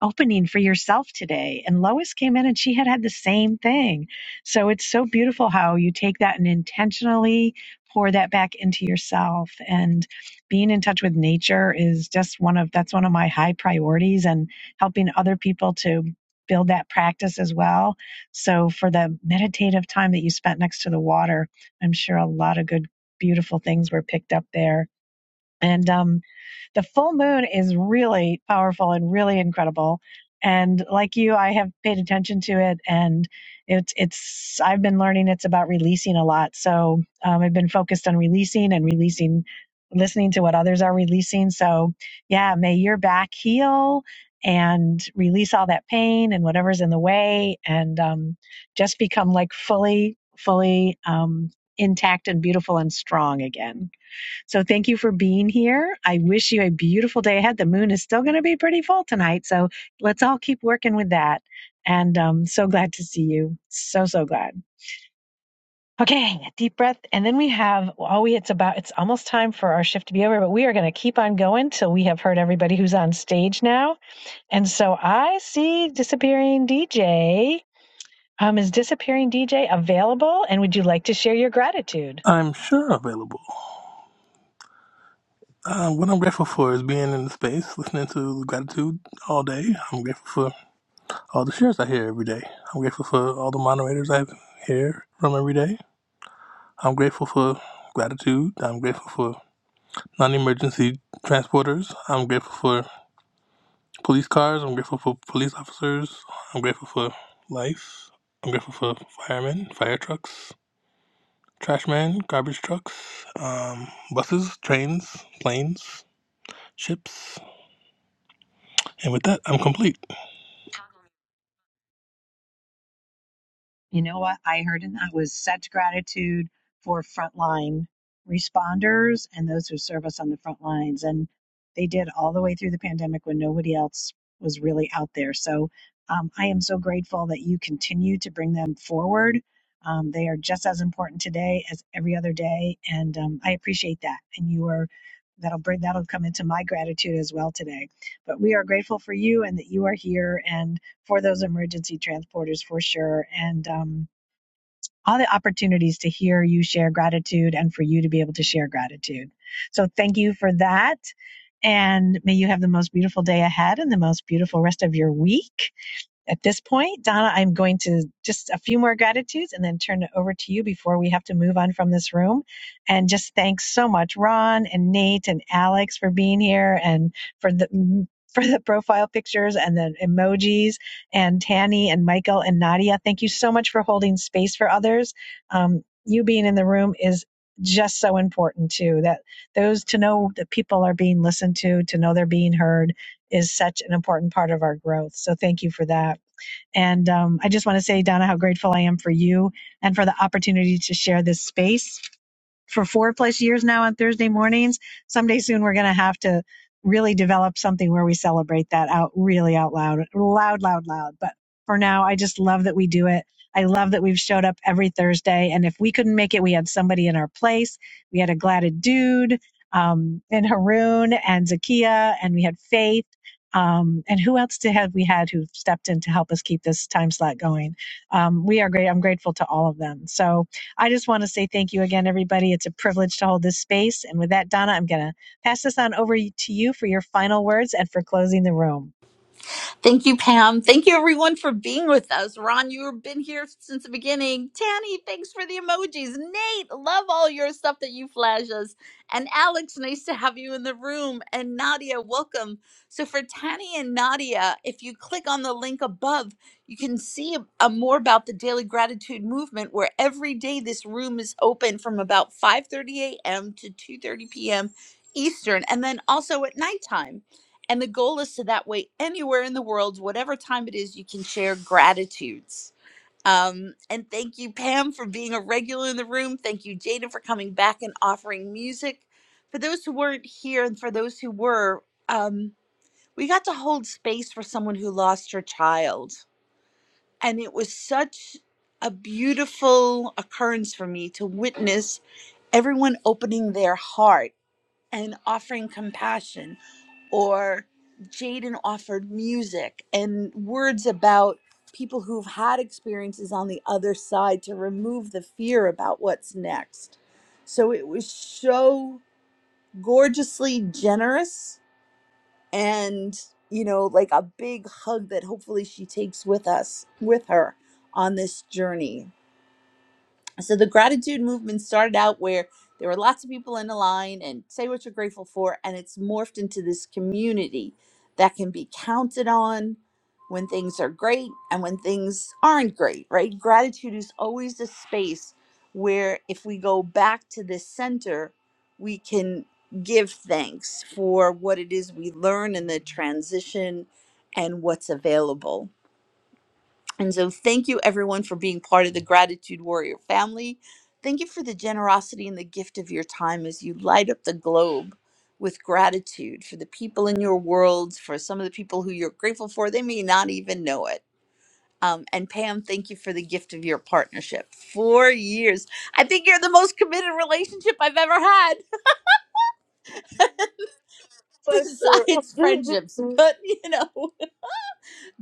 Speaker 1: opening for yourself today. And Lois came in and she had had the same thing. So it's so beautiful how you take that and intentionally pour that back into yourself. And being in touch with nature is just one of that's one of my high priorities and helping other people to build that practice as well. So for the meditative time that you spent next to the water, I'm sure a lot of good beautiful things were picked up there. And um the full moon is really powerful and really incredible. And like you, I have paid attention to it, and it's it's I've been learning it's about releasing a lot. So um, I've been focused on releasing and releasing, listening to what others are releasing. So yeah, may your back heal and release all that pain and whatever's in the way, and um, just become like fully, fully um, intact and beautiful and strong again. So thank you for being here. I wish you a beautiful day ahead. The moon is still going to be pretty full tonight. So let's all keep working with that. And um, so glad to see you. So, so glad. Okay, a deep breath. And then we have all we, it's about, it's almost time for our shift to be over, but we are going to keep on going till we have heard everybody who's on stage now. And so I see disappearing DJ. Um, is Disappearing DJ available? And would you like to share your gratitude?
Speaker 7: I'm sure available. Uh, what I'm grateful for is being in the space, listening to gratitude all day. I'm grateful for all the shares I hear every day. I'm grateful for all the moderators I hear from every day. I'm grateful for gratitude. I'm grateful for non-emergency transporters. I'm grateful for police cars. I'm grateful for police officers. I'm grateful for life. I'm grateful for firemen, fire trucks, trash men, garbage trucks, um, buses, trains, planes, ships. And with that, I'm complete.
Speaker 1: You know what I heard in that was such gratitude for frontline responders and those who serve us on the front lines. And they did all the way through the pandemic when nobody else was really out there. So um, I am so grateful that you continue to bring them forward. Um, they are just as important today as every other day. And um, I appreciate that. And you are. That'll bring that'll come into my gratitude as well today. But we are grateful for you and that you are here. And for those emergency transporters for sure. And um, all the opportunities to hear you share gratitude and for you to be able to share gratitude. So thank you for that. And may you have the most beautiful day ahead and the most beautiful rest of your week. At this point, Donna, I'm going to just a few more gratitudes and then turn it over to you before we have to move on from this room. And just thanks so much, Ron and Nate and Alex for being here and for the for the profile pictures and the emojis and Tanny and Michael and Nadia. Thank you so much for holding space for others. Um, you being in the room is just so important too. That those to know that people are being listened to, to know they're being heard is such an important part of our growth. So thank you for that. And um, I just want to say, Donna, how grateful I am for you and for the opportunity to share this space for four plus years now on Thursday mornings. Someday soon, we're going to have to really develop something where we celebrate that out really out loud, loud, loud, loud. But for now, I just love that we do it. I love that we've showed up every Thursday. And if we couldn't make it, we had somebody in our place. We had a gladed dude, um, and Haroon and Zakia, and we had Faith. Um, and who else did have we had who stepped in to help us keep this time slot going? Um, we are great. I'm grateful to all of them. So, I just want to say thank you again, everybody. It's a privilege to hold this space. And with that, Donna, I'm going to pass this on over to you for your final words and for closing the room.
Speaker 2: Thank you, Pam. Thank you, everyone, for being with us. Ron, you've been here since the beginning. Tanny, thanks for the emojis. Nate, love all your stuff that you flash us. And Alex, nice to have you in the room. And Nadia, welcome. So, for Tanny and Nadia, if you click on the link above, you can see a, more about the Daily Gratitude Movement, where every day this room is open from about 5:30 a.m. to 2:30 p.m. Eastern, and then also at nighttime. And the goal is so that way, anywhere in the world, whatever time it is, you can share gratitudes. Um, and thank you, Pam, for being a regular in the room. Thank you, Jada, for coming back and offering music. For those who weren't here and for those who were, um, we got to hold space for someone who lost her child. And it was such a beautiful occurrence for me to witness everyone opening their heart and offering compassion or Jaden offered music and words about people who've had experiences on the other side to remove the fear about what's next. So it was so gorgeously generous and, you know, like a big hug that hopefully she takes with us, with her on this journey so the gratitude movement started out where there were lots of people in a line and say what you're grateful for and it's morphed into this community that can be counted on when things are great and when things aren't great right gratitude is always a space where if we go back to the center we can give thanks for what it is we learn in the transition and what's available and so, thank you everyone for being part of the Gratitude Warrior family. Thank you for the generosity and the gift of your time as you light up the globe with gratitude for the people in your world, for some of the people who you're grateful for. They may not even know it. Um, and Pam, thank you for the gift of your partnership. Four years. I think you're the most committed relationship I've ever had,
Speaker 1: So
Speaker 2: besides
Speaker 1: true.
Speaker 2: friendships. But, you know.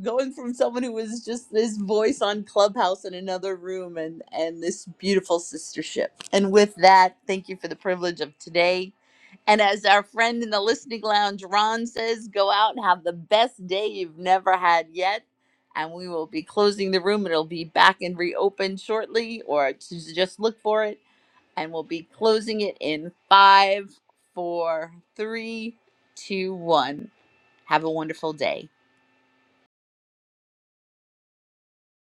Speaker 2: going from someone who was just this voice on clubhouse in another room and and this beautiful sistership and with that thank you for the privilege of today and as our friend in the listening lounge ron says go out and have the best day you've never had yet and we will be closing the room it'll be back and reopened shortly or to just look for it and we'll be closing it in five four three two one have a wonderful day